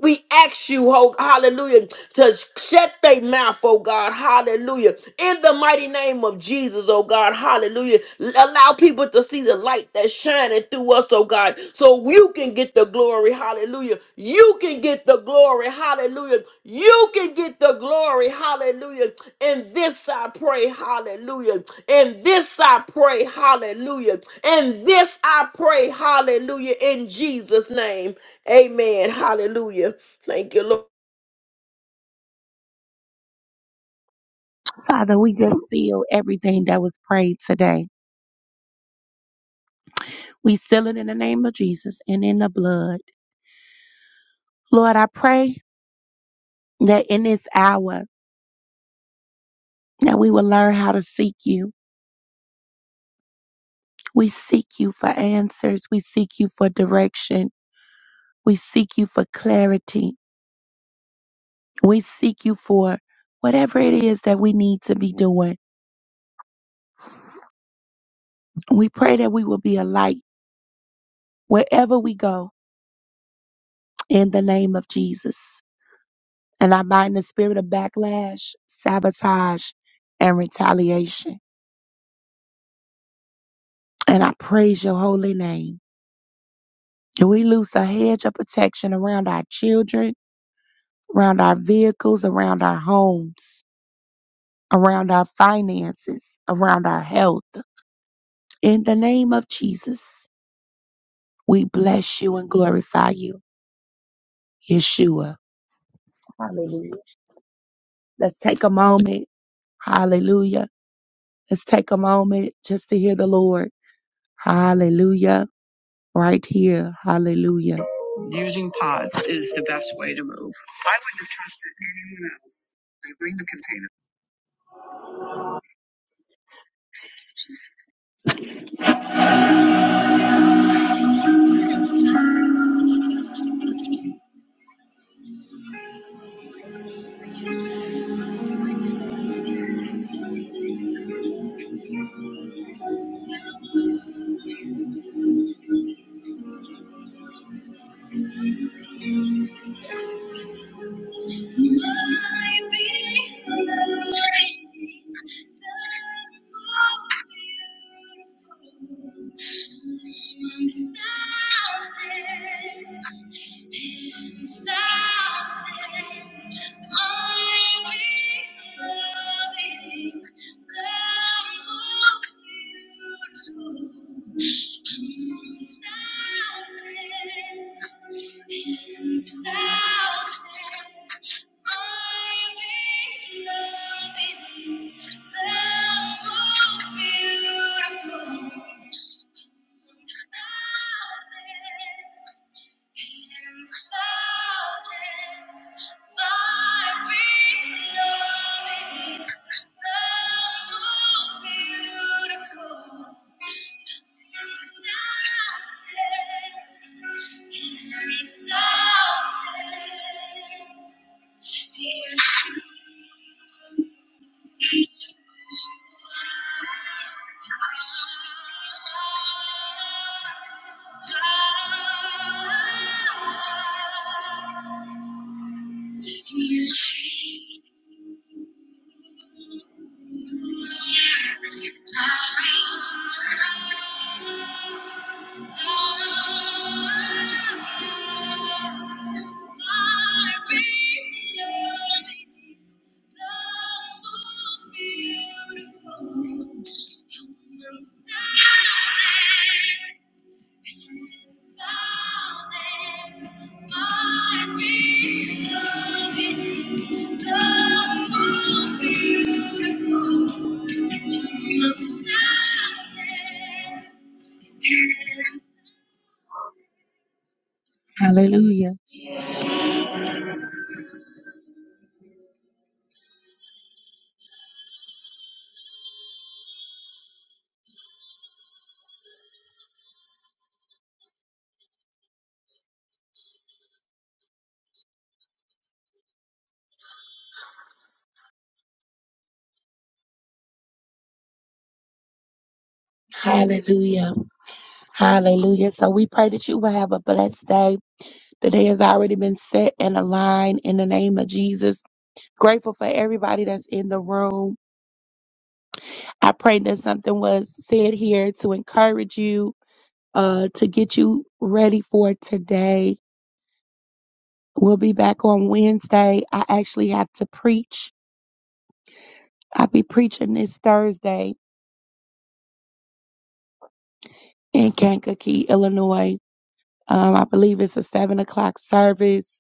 Speaker 3: we ask you, oh, hallelujah, to shut their mouth, oh God, hallelujah. In the mighty name of Jesus, oh God, hallelujah. Allow people to see the light that's shining through us, oh God, so you can get the glory, hallelujah. You can get the glory, hallelujah. You can get the glory, hallelujah. In this I pray, hallelujah. In this I pray, hallelujah. In this I pray, hallelujah. In Jesus' name. Amen. Hallelujah. Thank you, Lord.
Speaker 1: Father, we just seal everything that was prayed today. We seal it in the name of Jesus and in the blood. Lord, I pray that in this hour that we will learn how to seek you. We seek you for answers. We seek you for direction. We seek you for clarity. We seek you for whatever it is that we need to be doing. We pray that we will be a light wherever we go in the name of Jesus. And I bind the spirit of backlash, sabotage, and retaliation. And I praise your holy name. And we loose a hedge of protection around our children, around our vehicles, around our homes, around our finances, around our health. In the name of Jesus. We bless you and glorify you, Yeshua. Hallelujah. Let's take a moment. Hallelujah. Let's take a moment just to hear the Lord. Hallelujah. Right here. Hallelujah. Using pods is the best way to move. I wouldn't have trusted anyone else. My beloved, the most beautiful, I want thousands and thousands. My beloved, the most beautiful, I want thousands and thousands. Thousands, thousands. Thank you. Hallelujah. Hallelujah. So we pray that you will have a blessed day. The day has already been set and aligned in the name of Jesus. Grateful for everybody that's in the room. I pray that something was said here to encourage you, uh, to get you ready for today. We'll be back on Wednesday. I actually have to preach. I'll be preaching this Thursday in Kankakee, Illinois. Um, I believe it's a seven o'clock service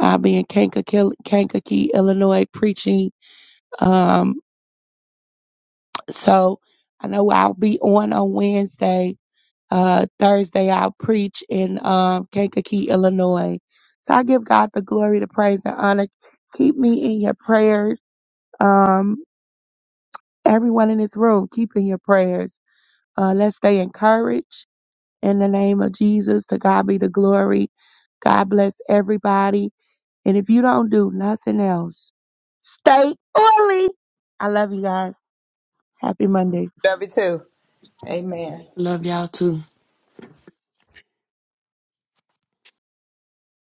Speaker 1: I'll be in Kankakee, Kankakee Illinois, preaching. Um, so I know I'll be on on Wednesday. Uh, Thursday, I'll preach in um, Kankakee, Illinois. So I give God the glory, the praise, and honor. Keep me in your prayers. Um, everyone in this room, keep in your prayers. Uh, let's stay encouraged in the name of Jesus. To God be the glory. God bless everybody And if you don't do nothing else, stay oily. I love you guys. Happy Monday.
Speaker 3: Love y'all too.